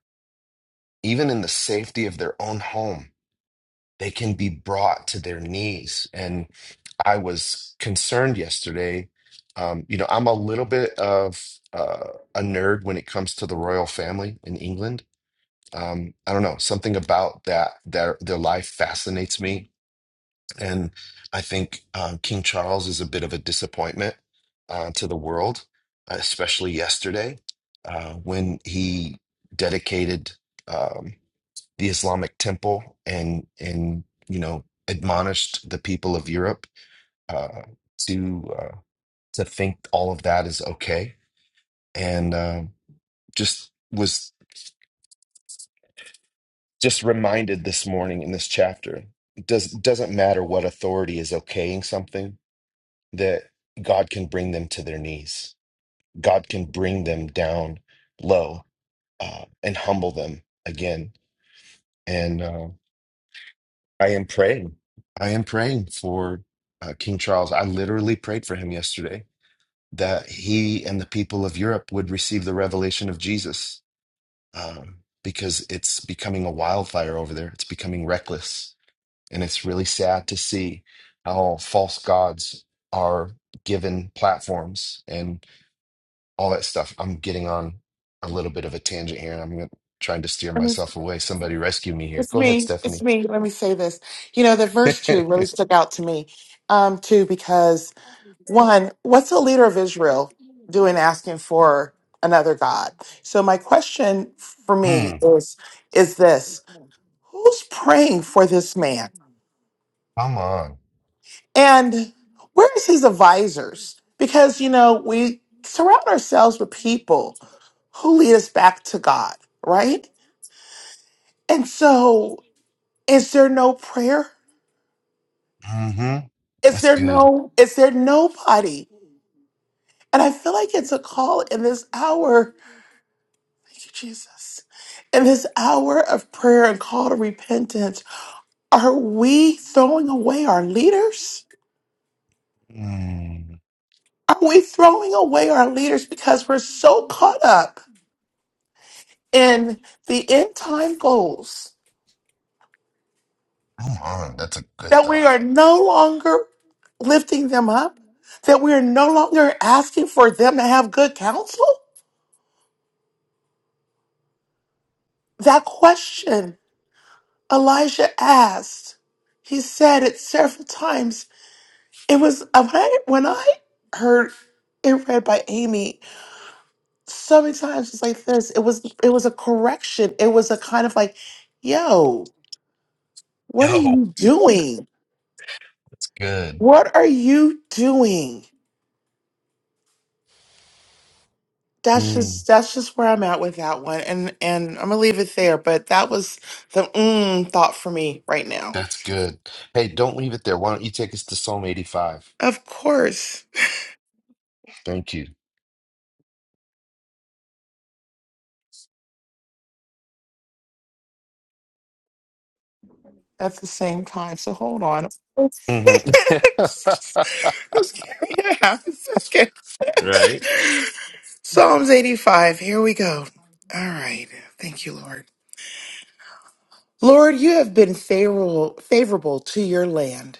S1: Even in the safety of their own home, they can be brought to their knees. And I was concerned yesterday. Um, you know, I'm a little bit of uh, a nerd when it comes to the royal family in England um, I don't know, something about that their their life fascinates me, and I think um, King Charles is a bit of a disappointment uh, to the world, especially yesterday uh, when he dedicated um, the Islamic temple and and you know admonished the people of Europe uh, to uh, to think all of that is okay, and um just was. just reminded this morning in this chapter it does doesn't matter what authority is okaying something that god can bring them to their knees god can bring them down low uh, and humble them again and uh, i am praying i am praying for uh, king charles i literally prayed for him yesterday that he and the people of europe would receive the revelation of jesus um, because it's becoming a wildfire over there it's becoming reckless And it's really sad to see how false gods are given platforms and all that stuff. I'm getting on a little bit of a tangent here and I'm gonna- trying to steer
S10: Let me-
S1: myself away. Somebody rescue me here.
S10: It's
S1: Go ahead,
S10: me. It's
S1: Stephanie.
S10: me. Let me say this. You know, the verse two really stuck out to me, um, too, because one, what's the leader of Israel doing asking for another God? So my question for me
S1: Mm,
S10: is, is this, who's praying for this man?
S1: come on.
S10: And where is his advisors? Because, you know, we surround ourselves with people who lead us back to God, right? And so is there no prayer?
S1: hmm
S10: Is
S1: That's
S10: there
S1: good.
S10: no, is there nobody? And I feel like it's a call in this hour. Thank you, Jesus. In this hour of prayer and call to repentance, are we throwing away our leaders?
S1: Mm,
S10: Are we throwing away our leaders because we're so caught up in the end time goals
S1: come on. That's a good
S10: that we
S1: thought.
S10: are no longer lifting them up? That we are no longer asking for them to have good counsel? That question Elijah asked. He said it several times. It was uh, when I, when I heard it read by Amy. So many times it's like this. It was it was a correction. It was a kind of like, "Yo, what are
S1: Yo,
S10: you doing?
S1: that's good.
S10: What are you doing?" That's
S1: Mm,
S10: just that's just where I'm at with that one, and and I'm gonna leave it there. But that was the mm thought for me right now.
S1: that's good. Hey, don't leave it there. Why don't you take us to Psalm 85?
S10: Of course.
S1: Thank you.
S10: at the same time. So hold on.
S1: hmm
S10: Yeah, it's okay.
S1: Right?
S10: Psalms 85. Here we go. All right. Thank you, Lord. Lord, you have been favorable, favorable to your land.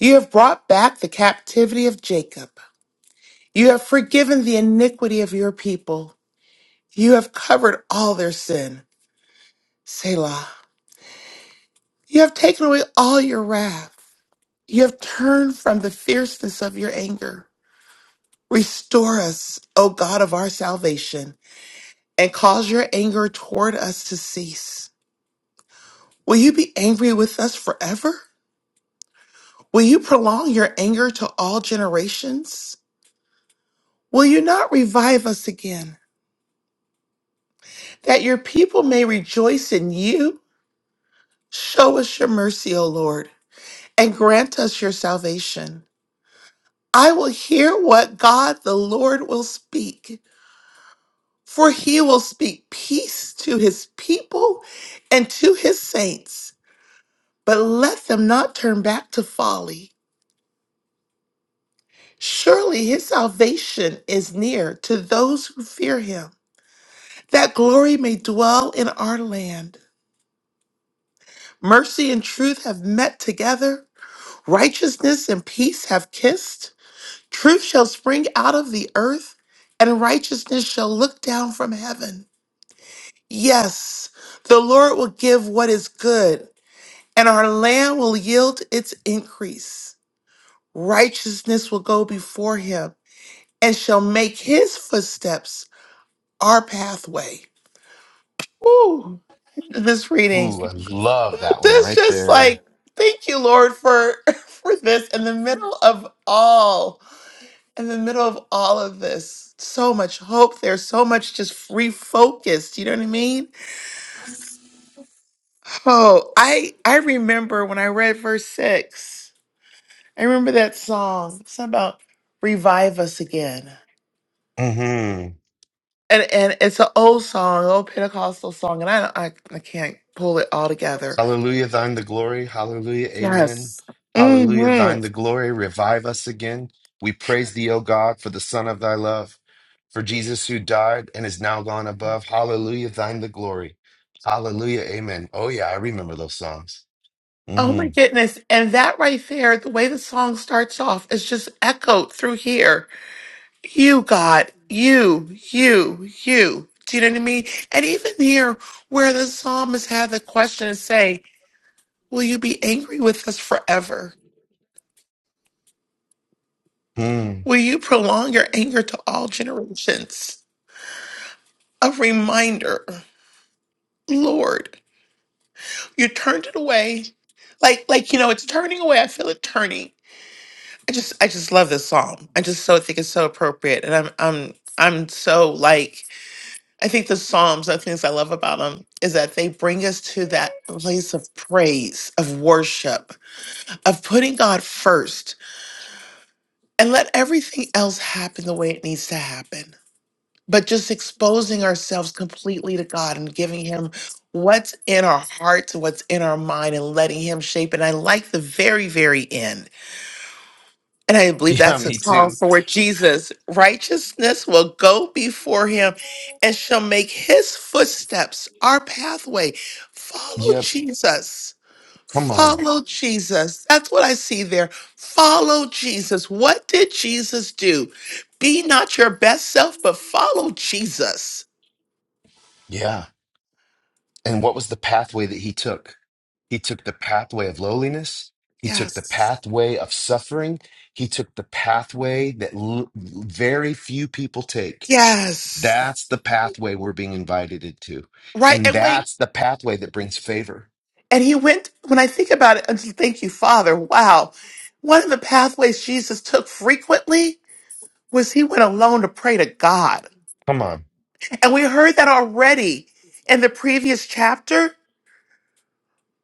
S10: You have brought back the captivity of Jacob. You have forgiven the iniquity of your people. You have covered all their sin. Selah. You have taken away all your wrath. You have turned from the fierceness of your anger. Restore us, O God of our salvation, and cause your anger toward us to cease. Will you be angry with us forever? Will you prolong your anger to all generations? Will you not revive us again, that your people may rejoice in you? Show us your mercy, O Lord, and grant us your salvation. I will hear what God the Lord will speak, for he will speak peace to his people and to his saints. but let them not turn back to folly. Surely his salvation is near to those who fear him, that glory may dwell in our land. Mercy and truth have met together, righteousness and peace have kissed. Truth shall spring out of the earth, and righteousness shall look down from heaven. Yes, the Lord will give what is good, and our land will yield its increase. Righteousness will go before him and shall make his footsteps our pathway. Ooh, this reading.
S1: Ooh, I love that one
S10: That's
S1: right
S10: just
S1: there.
S10: like, thank you, Lord, for for this in the middle of all, in the middle of all of this. So much hope There's so much just refocused. You know what I mean? Oh, I I remember when I read verse six. I remember that song. It's about revive us again.
S1: hmm
S10: and and it's an old song, an old Pentecostal song, and I don't- I, I can't pull it all together.
S1: Hallelujah, thine the glory. Hallelujah, amen.
S10: Yes.
S1: Hallelujah,
S10: hmm
S1: thine the glory. Revive us again. We praise thee, O God, for the Son of thy love, for Jesus who died and is now gone above. Hallelujah, thine the glory. Hallelujah, amen. Oh, yeah, I remember those songs.
S10: Oh
S1: hmm
S10: my goodness! And that right there, the way the song starts off, is just echoed through here. You God, you, you, you. Do you know what I mean? And even here, where the psalmist had the question and say, "Will you be angry with us forever?
S1: Hmm.
S10: Will you prolong your anger to all generations?" A reminder, Lord. You turned it away. Like like you know, it's turning away. I feel it turning. I just I just love this song. I just so think it's so appropriate, and I'm I'm I'm so like I think the Psalms. The things I love about them is that they bring us to that place of praise, of worship, of putting God first, and let everything else happen the way it needs to happen. but just exposing ourselves completely to God and giving Him what's in our hearts, what's in our mind, and letting Him shape. And I like the very, very end. And I believe
S1: Yeah,
S10: that's a
S1: me
S10: call
S1: too.
S10: for Jesus. Righteousness will go before Him and shall make His footsteps our pathway. Follow
S1: Yep.
S10: Jesus.
S1: Come on.
S10: Follow Jesus. That's what I see there. Follow Jesus. What did Jesus do? Be not your best self, but follow Jesus
S1: Yeah. And what was the pathway that he took? He took the pathway of lowliness. He took the
S10: Yes.
S1: pathway of suffering. He took the pathway that l- very few people take.
S10: Yes.
S1: That's the pathway we're being invited into.
S10: Right.
S1: And
S10: And wait.
S1: that's the pathway that brings favor.
S10: And he went, when I think about it, and thank you, Father. Wow. One of the pathways Jesus took frequently was he went alone to pray to God.
S1: Come on.
S10: And we heard that already in the previous chapter.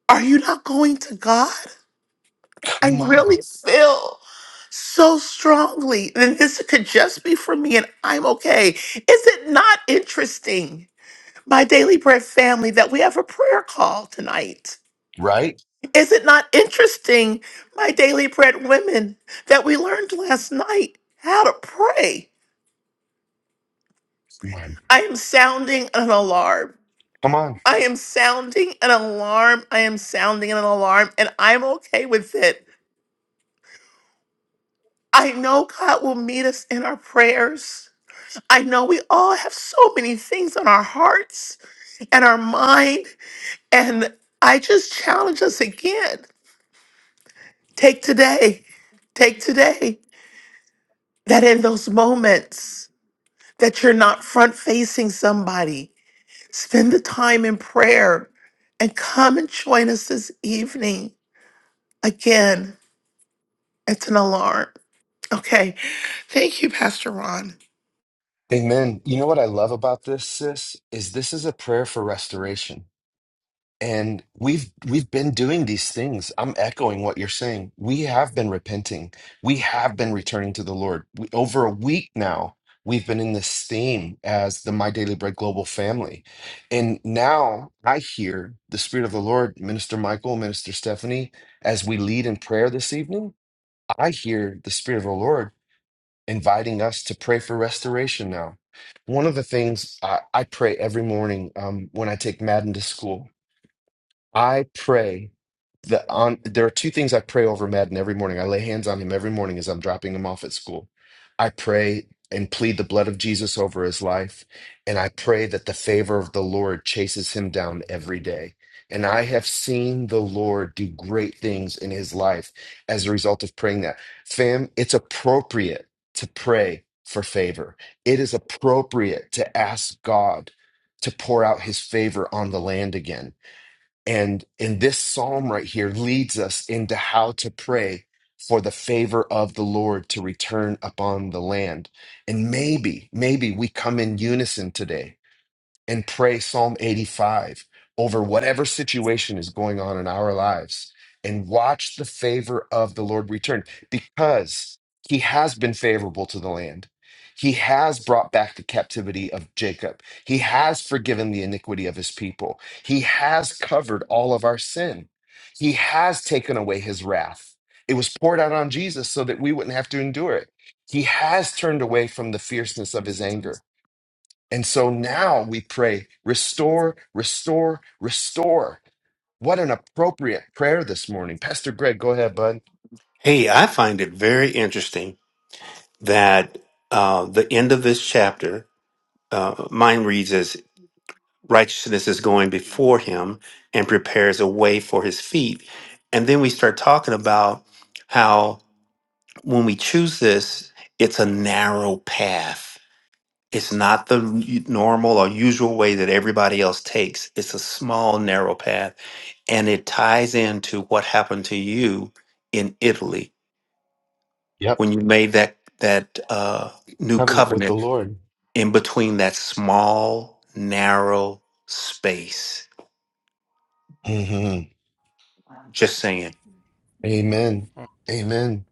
S10: Are you not going to God? I
S1: Come on.
S10: really feel so strongly that this could just be for me and I'm okay. Is it not interesting, my Daily Bread family, that we have a prayer call tonight?
S1: Right?
S10: Is it not interesting, my daily bread women, that we learned last night how to pray?
S1: Come on.
S10: I am sounding an alarm.
S1: Come on.
S10: I am sounding an alarm. I am sounding an alarm, and I'm okay with it. I know God will meet us in our prayers. I know we all have so many things on our hearts and our mind. And I just challenge us again take today, take today, that in those moments, that you're not front facing somebody. Spend the time in prayer and come and join us this evening. Again, it's an alarm. Okay. Thank you, Pastor Ron.
S1: Amen. You know what I love about this, sis? Is this is a prayer for restoration And we've we've been doing these things. I'm echoing what you're saying. We have been repenting. We have been returning to the Lord. We, over a week now, we've been in this theme as the My Daily Bread Global family. And now I hear the Spirit of the Lord, Minister Michael, Minister Stephanie, as we lead in prayer this evening, I hear the Spirit of the Lord inviting us to pray for restoration now. One of the things I, I pray every morning um, when I take Madden to school I pray that on there are two things I pray over Madden every morning. I lay hands on him every morning as I'm dropping him off at school. I pray and plead the blood of Jesus over his life, and I pray that the favor of the Lord chases him down every day. And I have seen the Lord do great things in his life as a result of praying that. Fam, it's appropriate to pray for favor. It is appropriate to ask God to pour out his favor on the land again and in this psalm right here leads us into how to pray for the favor of the Lord to return upon the land. And maybe, maybe we come in unison today and pray Psalm 85 over whatever situation is going on in our lives and watch the favor of the Lord return because he has been favorable to the land. He has brought back the captivity of Jacob. He has forgiven the iniquity of his people. He has covered all of our sin. He has taken away his wrath. It was poured out on Jesus so that we wouldn't have to endure it. He has turned away from the fierceness of his anger. And so now we pray, restore, restore, restore. What an appropriate prayer this morning. Pastor Greg, go ahead, bud.
S8: Hey, I find it very interesting that uh, the end of this chapter, uh, mine reads righteousness is going before him and prepares a way for his feet. And then we start talking about how when we choose this, it's a narrow path. It's not the n- normal or usual way that everybody else takes. It's a small, narrow path. And it ties into what happened to you in Italy
S1: Yep.
S8: when you made that, that uh, new
S1: Covenant with the
S8: covenant
S1: Lord.
S8: in between that small, narrow space
S1: hmm
S8: Just saying.
S1: Amen. Amen.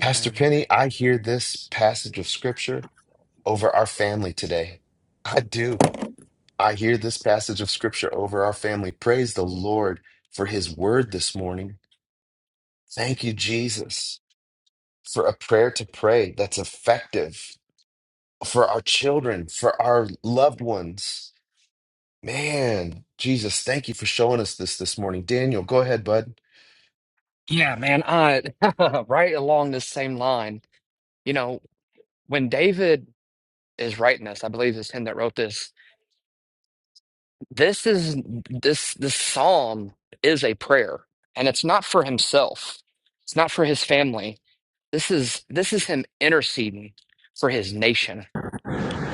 S1: Pastor Penny, I hear this passage of scripture over our family today. I do. I hear this passage of scripture over our family. Praise the Lord for his word this morning. Thank you, Jesus, for a prayer to pray that's effective. for our children, for our loved ones. Man, Jesus, thank you for showing us this this morning. Daniel, go ahead, bud.
S6: Yeah, man, I right along this same line. You know when David is writing this, I believe it's him that wrote this This is this this psalm is a prayer, and it's not for himself. It's not for his family. This is this is him interceding for his nation.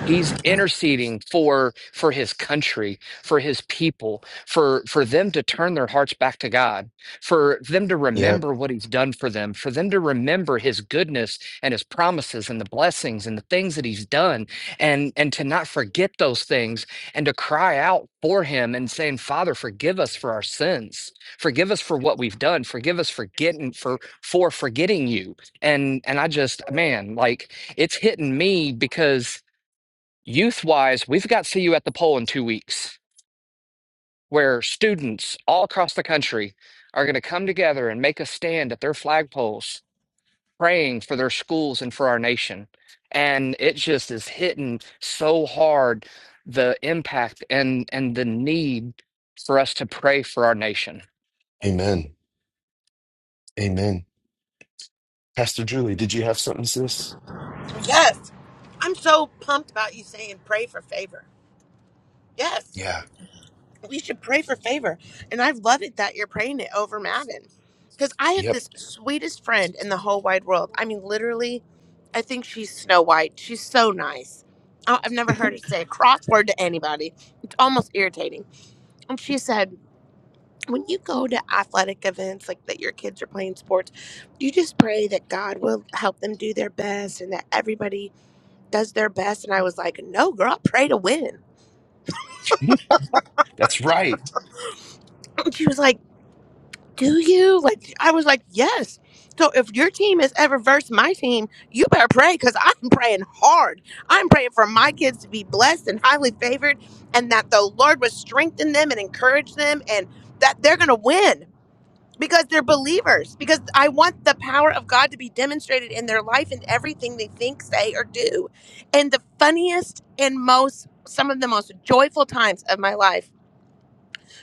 S6: He's interceding for for his country, for his people, for for them to turn their hearts back to God, for them to
S1: Yeah.
S6: remember what he's done for them, for them to remember his goodness and his promises and the blessings and the things that he's done and and to not forget those things and to cry out for him and saying, "Father, forgive us for our sins. Forgive us for what we've done. Forgive us for getting for for forgetting you." And and I just man, like it's hitting me because youth wise, we've got See You at the Pole in two weeks, where students all across the country are going to come together and make a stand at their flagpoles, praying for their schools and for our nation. And it just is hitting so hard the impact and and the need for us to pray for our nation.
S1: Amen. Amen. Pastor Julie, did you have something, sis?
S4: Yes. I'm so pumped about you saying pray for favor. Yes.
S1: Yeah.
S4: we should pray for favor. And I love it that you're praying it over Madden. Because I have
S1: Yep.
S4: this sweetest friend in the whole wide world. I mean, literally, I think she's Snow White. She's so nice. I- I've never heard her say a cross word to anybody. It's almost irritating. And she said, when you go to athletic events, like that your kids are playing sports, you just pray that God will help them do their best and that everybody does their best. And I was like, no, girl, I pray to win.
S1: That's right.
S4: she was like, do you? Like, I was like, yes. So if your team is ever versus my team, you better pray because I'm praying hard. I'm praying for my kids to be blessed and highly favored and that the Lord would strengthen them and encourage them and that they're going to win because they're believers. Because I want the power of God to be demonstrated in their life and everything they think, say, or do. And the funniest and most, some of the most joyful times of my life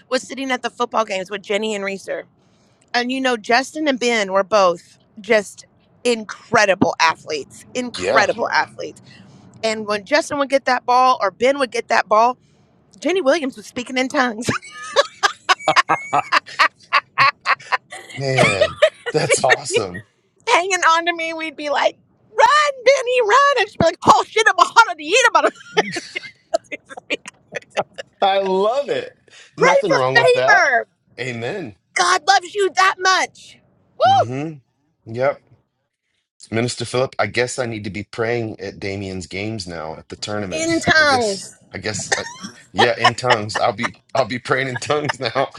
S4: was sitting at the football games with Jenny and Reese and you know, Justin and Ben were both just incredible athletes,
S1: Yeah.
S4: incredible athletes. And when Justin would get that ball or Ben would get that ball, Jenny Williams was speaking in tongues.
S1: Ah, Man,
S4: she
S1: that's
S4: would be
S1: awesome.
S4: hanging on to me. We'd be like, run, Benny, run. And she'd be like, oh shit, I'm a hot to eat about it.
S1: I love it.
S4: Pray
S1: Nothing
S4: for
S1: wrong with that.
S4: favor.
S1: Amen.
S4: God loves you that much. Woo!
S1: hmm Yep. Minister Philip, I guess I need to be praying at Damien's games now at the
S4: In
S1: tournaments. I guess,
S4: tongues.
S1: I guess, I, yeah, in tongues. I'll be, I'll be praying in tongues now.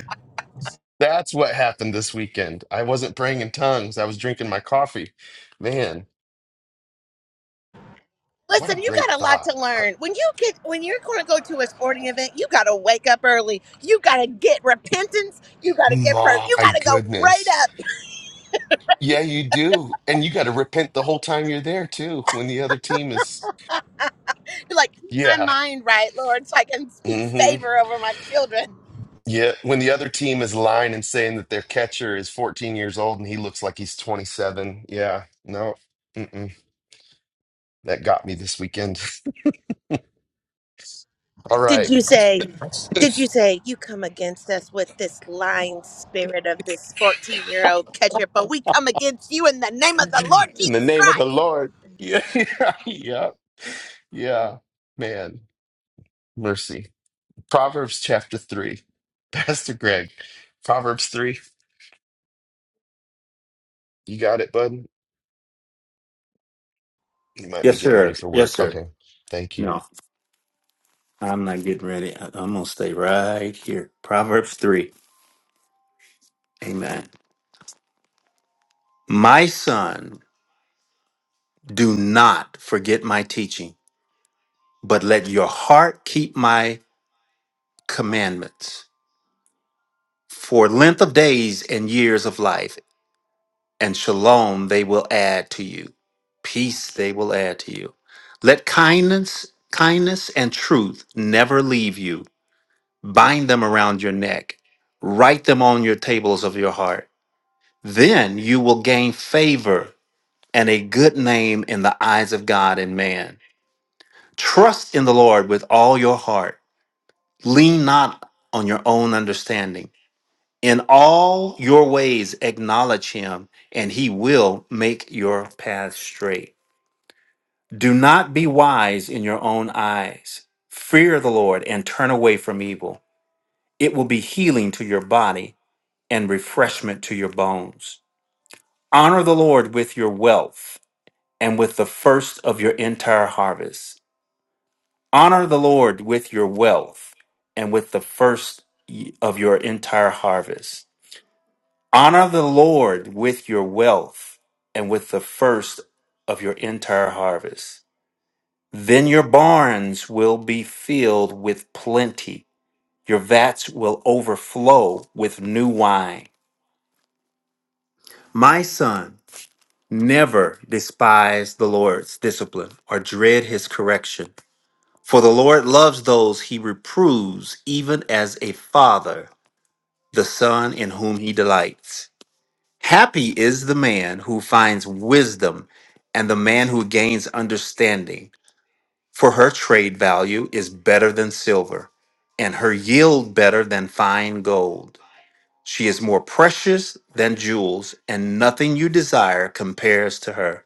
S1: That's what happened this weekend. I wasn't praying in tongues. I was drinking my coffee. Man, what a
S4: Listen, you
S1: great
S4: got a lot
S1: thought.
S4: to
S1: Uh,
S4: learn. When you get when you're going to go to a sporting event, you got to wake up early. You got to get repentance. You got to get prayer. You got
S1: My
S4: to go prayed
S1: goodness.
S4: up.
S1: Yeah, you do. And you got to repent the whole time you're there too, when the other team is,
S4: Be like, keep my
S1: yeah.
S4: mind right, Lord, so I can speak
S1: Mm-hmm.
S4: favor over my children.
S1: Yeah, when the other team is lying and saying that their catcher is 14 years old and he looks like he's 27. Yeah, no, mm-mm. That got me this weekend. All
S4: Did
S1: right.
S4: you say? Did you say you come against us with this lying spirit of this 14 year old ketchup? But we come against you in the name of the Lord
S1: In the
S4: Jesus
S1: name of the
S4: Christ.
S1: Lord. Yeah, yeah, yeah, yeah. Man, mercy. Proverbs chapter 3. Pastor Greg, Proverbs 3. You got it, bud? You might be
S8: Yes,
S1: getting
S8: sir.
S1: ready for
S8: Yes,
S1: work.
S8: sir.
S1: Okay, thank you.
S8: No, I'm not getting ready. I- I'm going to stay right here. Proverbs 3. Amen. My son, do not forget my teaching, but let your heart keep my commandments for length of days and years of life. and shalom they will add to you peace they will add to you let kindness kindness and truth never leave you bind them around your neck write them on your tables of your heart then you will gain favor and a good name in the eyes of god and man trust in the lord with all your heart lean not on your own understanding in all your ways acknowledge him and he will make your path straight Do not be wise in your own eyes. Fear the Lord and turn away from evil. It will be healing to your body and refreshment to your bones. Honor the Lord with your wealth and with the first of your entire harvest. Honor the Lord with your wealth and with the first y- of your entire harvest. Honor the Lord with your wealth and with the first of your entire harvest. Then your barns will be filled with plenty, your vats will overflow with new wine. My son, never despise the Lord's discipline or dread his correction. For the Lord loves those he reproves, even as a father, the son in whom he delights. Happy is the man who finds wisdom and the man who gains understanding for her trade value is better than silver, and her yield better than fine gold. She is more precious than jewels, and nothing you desire compares to her.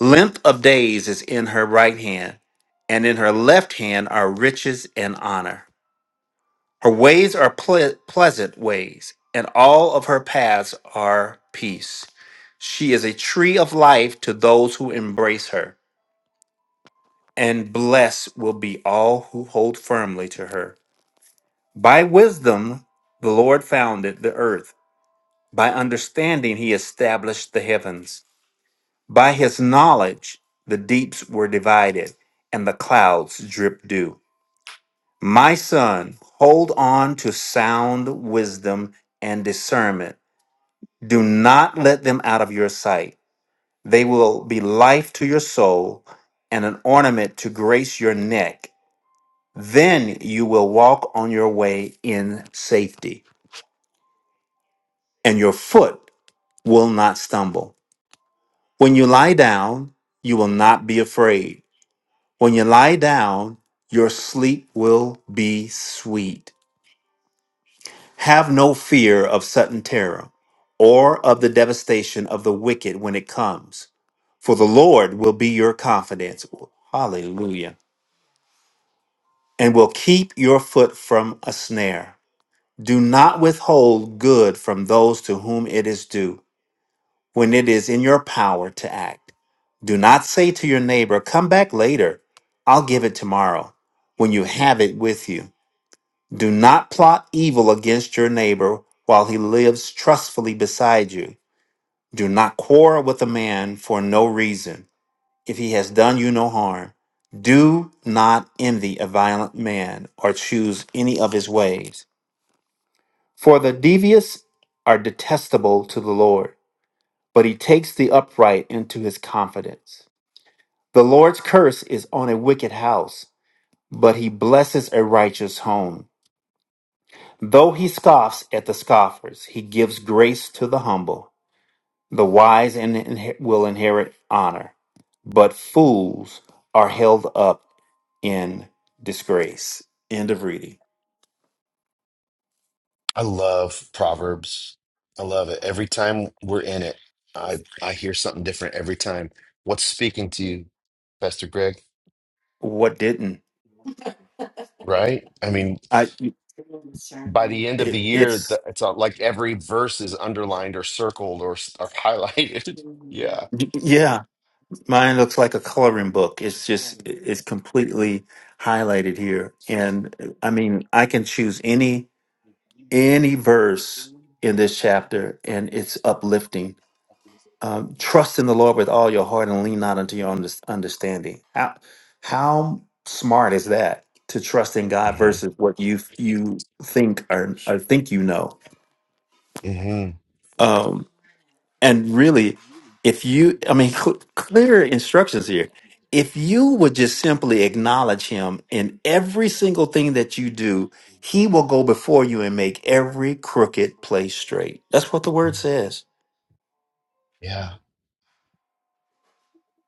S8: Length of days is in her right hand, and in her left hand are riches and honor. Her ways are ple- pleasant ways, and all of her paths are peace. She is a tree of life to those who embrace her and blessed will be all who hold firmly to her. By wisdom the Lord founded the earth, by understanding he established the heavens. By his knowledge the deeps were divided, and the clouds drip dew. My son, hold on to sound wisdom and discernment. Do not let them out of your sight. They will be life to your soul and an ornament to grace your neck. Then you will walk on your way in safety, and your foot will not stumble. When you lie down, you will not be afraid. When you lie down, your sleep will be sweet. Have no fear of sudden terror or of the devastation of the wicked when it comes, for the Lord will be your confidence. Hallelujah. And will keep your foot from a snare Do not withhold good from those to whom it is due when it is in your power to act. Do not say to your neighbor, Come back later, I'll give it tomorrow, when you have it with you. Do not plot evil against your neighbor while he lives trustfully beside you. Do not quarrel with a man for no reason, if he has done you no harm. Do not envy a violent man or choose any of his ways For the devious are detestable to the Lord, but he takes the upright into his confidence. The Lord's curse is on a wicked house, but he blesses a righteous home. Though he scoffs at the scoffers, he gives grace to the humble. The wise in- inhe- will inherit honor, but fools are held up in disgrace. End of reading.
S1: I love Proverbs. I love it. Every time we're in it, I I hear something different every time. What's speaking to you, Pastor Greg?
S8: What didn't
S1: Right? I mean,
S8: I?
S1: by the end of the
S8: It,
S1: year,
S8: it's
S1: the, it's all, like every verse is underlined or circled or, s- or highlighted. yeah.
S8: yeah. Mine looks like a coloring book. It's just it's completely highlighted here, and I mean I can choose any any verse in this chapter, and it's uplifting. Um, Trust in the Lord with all your heart, and lean not unto your under- understanding. How how smart is that to trust in God
S1: hmm
S8: versus what you you think or, or think you know?
S1: hmm
S8: Um, And really, if you, I mean, cl- clear instructions here. If you would just simply acknowledge him in every single thing that you do, he will go before you and make every crooked place straight. That's what the word says.
S1: Yeah.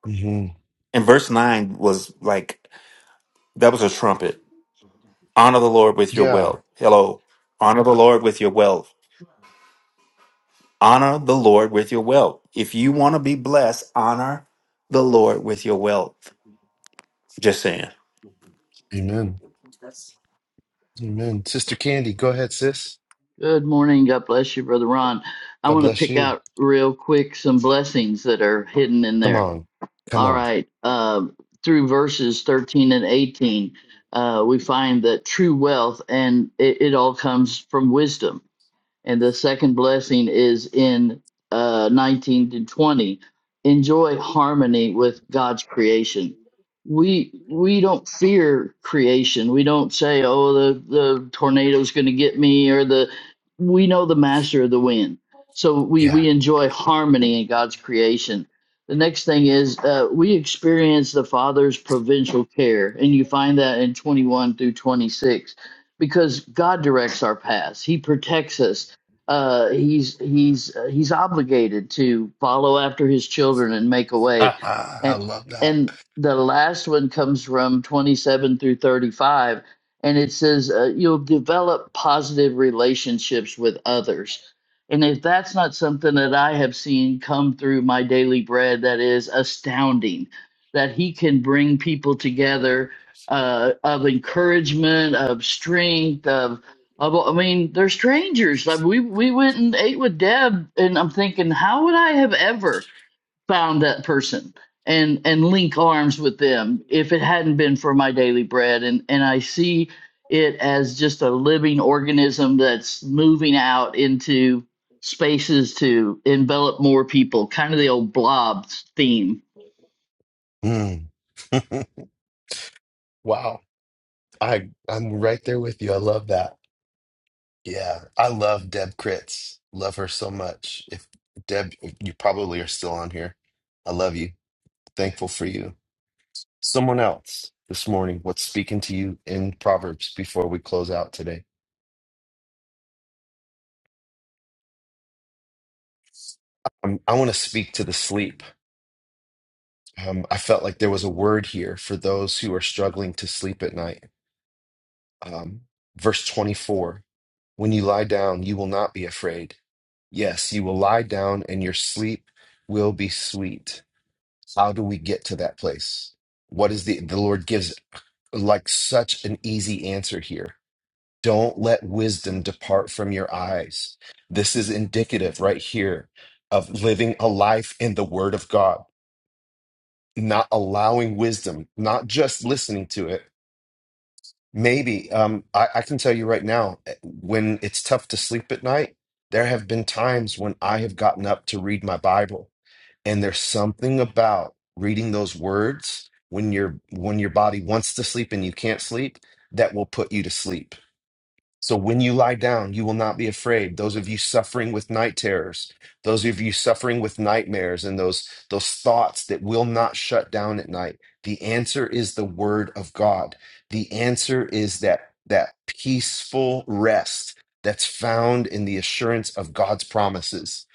S1: hmm
S8: And verse 9 was like, that was a trumpet. Honor the Lord with your
S1: Yeah.
S8: wealth. Hello. Honor the Lord with your wealth. Honor the Lord with your wealth. If you want to be blessed, honor the Lord with your wealth. Just saying.
S1: Amen. Amen. Sister Candy, go ahead, sis.
S11: Good morning. God bless you, Brother Ron. I
S1: God
S11: want to
S1: bless
S11: pick
S1: you.
S11: out real quick some blessings that are hidden in
S1: Come
S11: there.
S1: on. Come
S11: All
S1: on.
S11: right. Uh, through verses 13 and 18, uh, we find that true wealth and it, it all comes from wisdom and the second blessing is in uh, 19 to 20 enjoy harmony with god's creation we we don't fear creation we don't say oh the the tornado's going to get me or the we know the master of the wind so we
S1: Yeah.
S11: we enjoy harmony in god's creation the next thing is uh, we experience the father's provincial care and you find that in 21 through 26 because god directs our paths he protects us uh, he's he's uh, he's obligated to follow after his children and make a way,
S1: I
S11: and
S1: love that.
S11: and the last one comes from twenty seven through thirty five, and it says uh, you'll develop positive relationships with others, and if that's not something that I have seen come through my daily bread, that is astounding, that he can bring people together. Uh, of encouragement, of strength, of uh, well, I mean, they're strangers. Like we we went and ate with Deb, and I'm thinking, how would I have ever found that person and and link arms with them if it hadn't been for my daily bread? And and I see it as just a living organism that's moving out into spaces to envelop more people, kind of the old blob theme.
S1: Mm. Wow. I I'm right there with you. I love that. Yeah. I love Deb Critz. Love her so much. If Deb, you probably are still on here. I love you. Thankful for you. Someone else this morning, what's speaking to you in Proverbs before we close out today? Um, I want to speak to the sleep. Um, I felt like there was a word here for those who are struggling to sleep at night. Um, verse 24 When you lie down, you will not be afraid. Yes, you will lie down and your sleep will be sweet. How do we get to that place? What is the, the Lord gives like such an easy answer here. Don't let wisdom depart from your eyes. This is indicative right here of living a life in the Word of God, not allowing wisdom, not just listening to it, Maybe. Um, I, I can tell you right now, eh, when it's tough to sleep at night, there have been times when I have gotten up to read my Bible, and there's something about reading those words when your when your body wants to sleep and you can't sleep that will put you to sleep. So when you lie down, you will not be afraid. Those of you suffering with night terrors, those of you suffering with nightmares and those those thoughts that will not shut down at night, the answer is the word of God. The answer is that that peaceful rest that's found in the assurance of God's promises.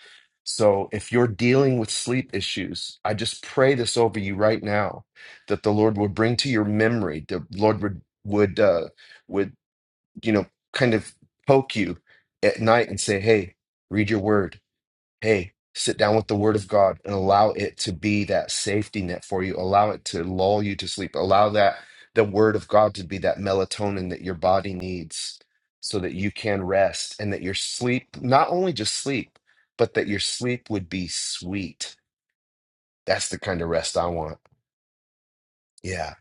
S1: So if you're dealing with sleep issues, I just pray this over you right now that the Lord would bring to your memory, the Lord would would uh would you know, kind of poke you at night and say, hey, read your word. Hey, sit down with the word of God and allow it to be that safety net for you. Allow it to lull you to sleep. Allow that the word of God to be that melatonin that your body needs so that you can rest and that your sleep, not only just sleep, but that your sleep would be sweet. That's the kind of rest I want. Yeah.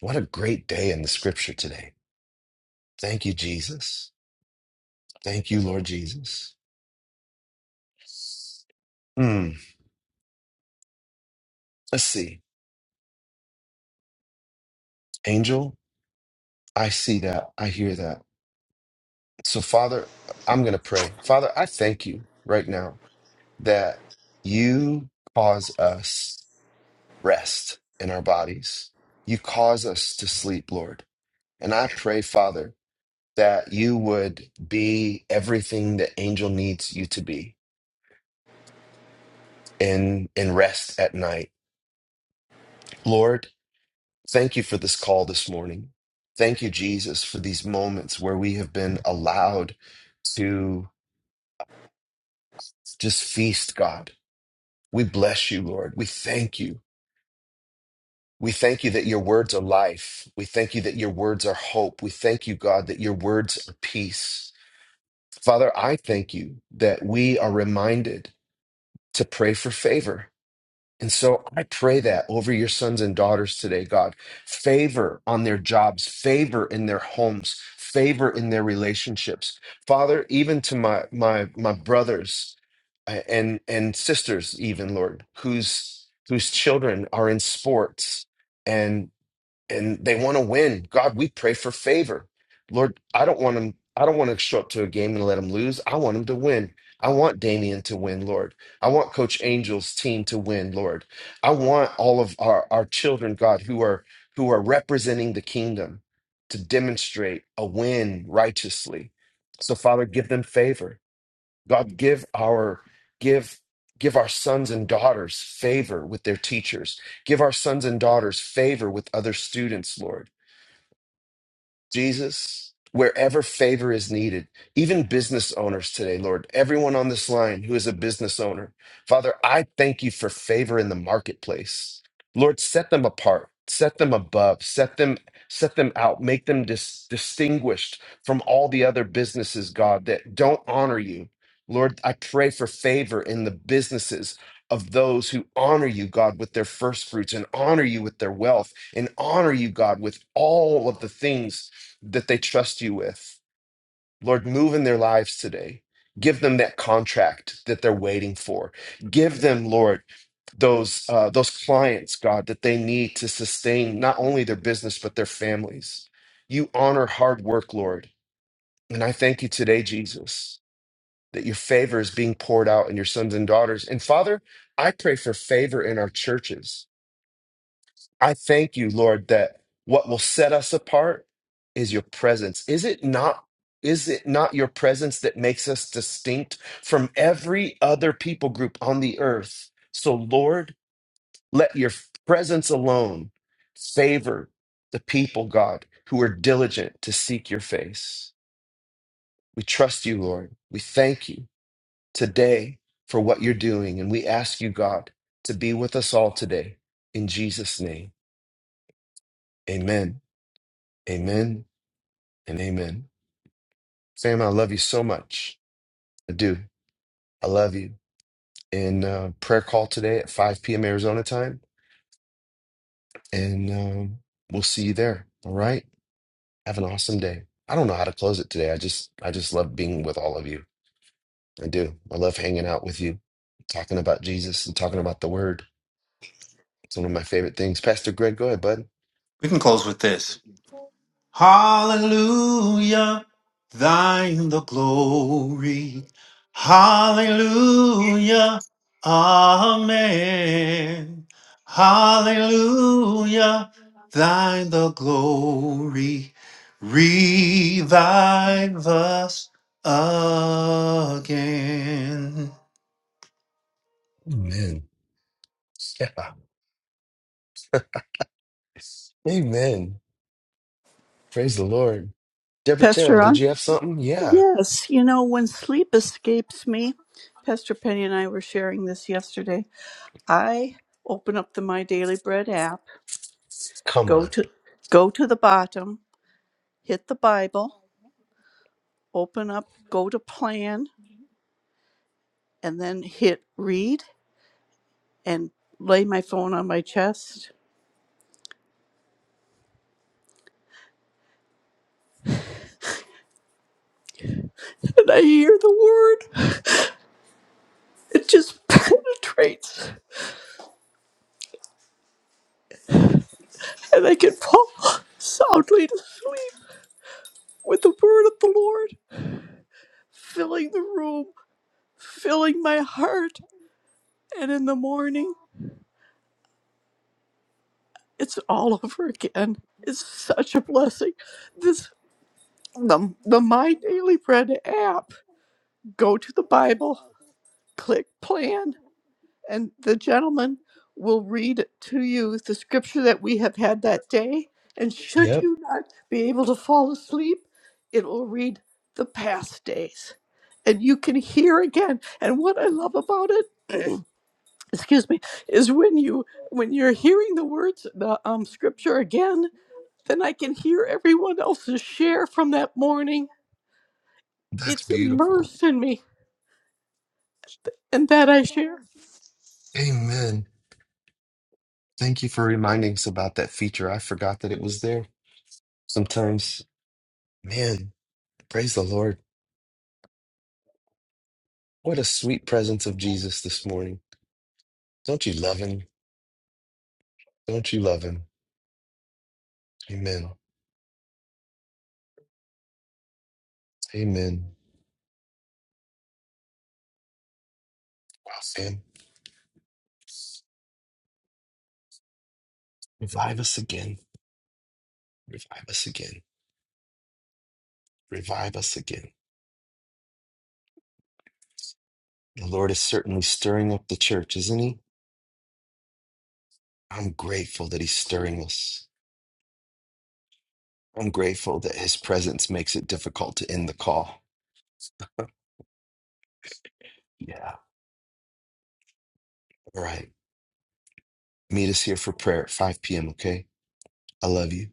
S1: What a great day in the scripture today. Thank you, Jesus. Thank you, Lord Jesus. Hmm. Let's see. Angel, I see that. I hear that. So, Father, I'm going to pray. Father, I thank you right now that you cause us rest in our bodies. You cause us to sleep, Lord. And I pray, Father, that you would be everything that Angel needs you to be in, in rest at night. Lord, Thank you for this call this morning. Thank you, Jesus, for these moments where we have been allowed to just feast, God. We bless you, Lord. We thank you. We thank you that your words are life. We thank you that your words are hope. We thank you, God, that your words are peace. Father, I thank you that we are reminded to pray for favor And so I pray that over your sons and daughters today, God, favor on their jobs, favor in their homes, favor in their relationships. Father, even to my my my brothers uh, and and sisters, even Lord, whose whose children are in sports and and they want to win. God, we pray for favor. Lord, I don't want them. I don't want to show up to a game and let them lose. I want them to win. I want Damian to win, Lord. I want Coach Angel's team to win, Lord. I want all of our, our children, God, who are who are representing the kingdom to demonstrate a win righteously. So, Father, give them favor. God, give our give give our sons and daughters favor with their teachers. Give our sons and daughters favor with other students, Lord. Jesus, wherever favor is needed, even business owners today, Lord, everyone on this line who is a business owner, Father, I thank you for favor in the marketplace. Lord, set them apart, set them above, set them set them out, make them dis- distinguished from all the other businesses, God, that don't honor you. Lord, I pray for favor in the businesses of those who honor you, God, with their first fruits and honor you with their wealth and honor you, God, with all of the things that they trust you with. Lord, move in their lives today. Give them that contract that they're waiting for. Give them, Lord, those uh, those clients, God, that they need to sustain not only their business but their families. You honor hard work, Lord, and I thank you today, Jesus, that your favor is being poured out in your sons and daughters. And Father, I pray for favor in our churches. I thank you, Lord, that what will set us apart is your presence. Is it not? Is it not your presence that makes us distinct from every other people group on the earth? So, Lord, let your presence alone favor the people, God, who are diligent to seek your face. We trust you, Lord. We thank you today for what you're doing. And we ask you, God, to be with us all today. In Jesus' name, amen. Amen. and amen. Sam, I love you so much. I do. I love you. And uh, prayer call today at 5 p.m. Arizona time. And um, we'll see you there. All right. Have an awesome day. I don't know how to close it today. I just, I just love being with all of you. I do. I love hanging out with you, talking about Jesus and talking about the Word. It's one of my favorite things. Pastor Greg, go ahead, bud.
S8: We can close with this. Hallelujah, thine the glory. Hallelujah, amen. Hallelujah, thine the glory. Revive us again.
S1: Amen. Yeah. Amen. Praise the Lord. Deborah
S12: Pastor
S1: Terrell, did
S12: Ron?
S1: you have something? Yeah.
S12: Yes. You know, when sleep escapes me, Pastor Penny and I were sharing this yesterday. I open up the My Daily Bread app,
S1: Come
S12: go
S1: on.
S12: to go to the bottom, hit the Bible, open up, go to plan, and then hit read and lay my phone on my chest. And I hear the word. It just penetrates and I can fall soundly to sleep with the word of the Lord filling the room. filling my heart. And in the morning, it's all over again. It's such a blessing. This the, the My Daily Bread app. Go to the Bible, click plan, and the gentleman will read to you the scripture that we have had that day. And should
S1: Yep.
S12: you not be able to fall asleep, it will read the past days. And you can hear again. And what I love about it excuse me is when you when you're hearing the words the um scripture again then i can hear everyone else's share from that morning
S1: That's
S12: it's
S1: beautiful.
S12: immersed in me and that i share
S1: Amen. Thank you for reminding us about that feature. I forgot that it was there. Sometimes, man, praise the Lord. What a sweet presence of Jesus this morning. Don't you love him? Don't you love him? Amen. Amen. Wow, Sam, revive us again. Revive us again. Revive us again. The Lord is certainly stirring up the church, isn't he? I'm grateful that he's stirring us. I'm grateful that his presence makes it difficult to end the call. Yeah. All right. Meet us here for prayer at 5 p.m., okay? I love you.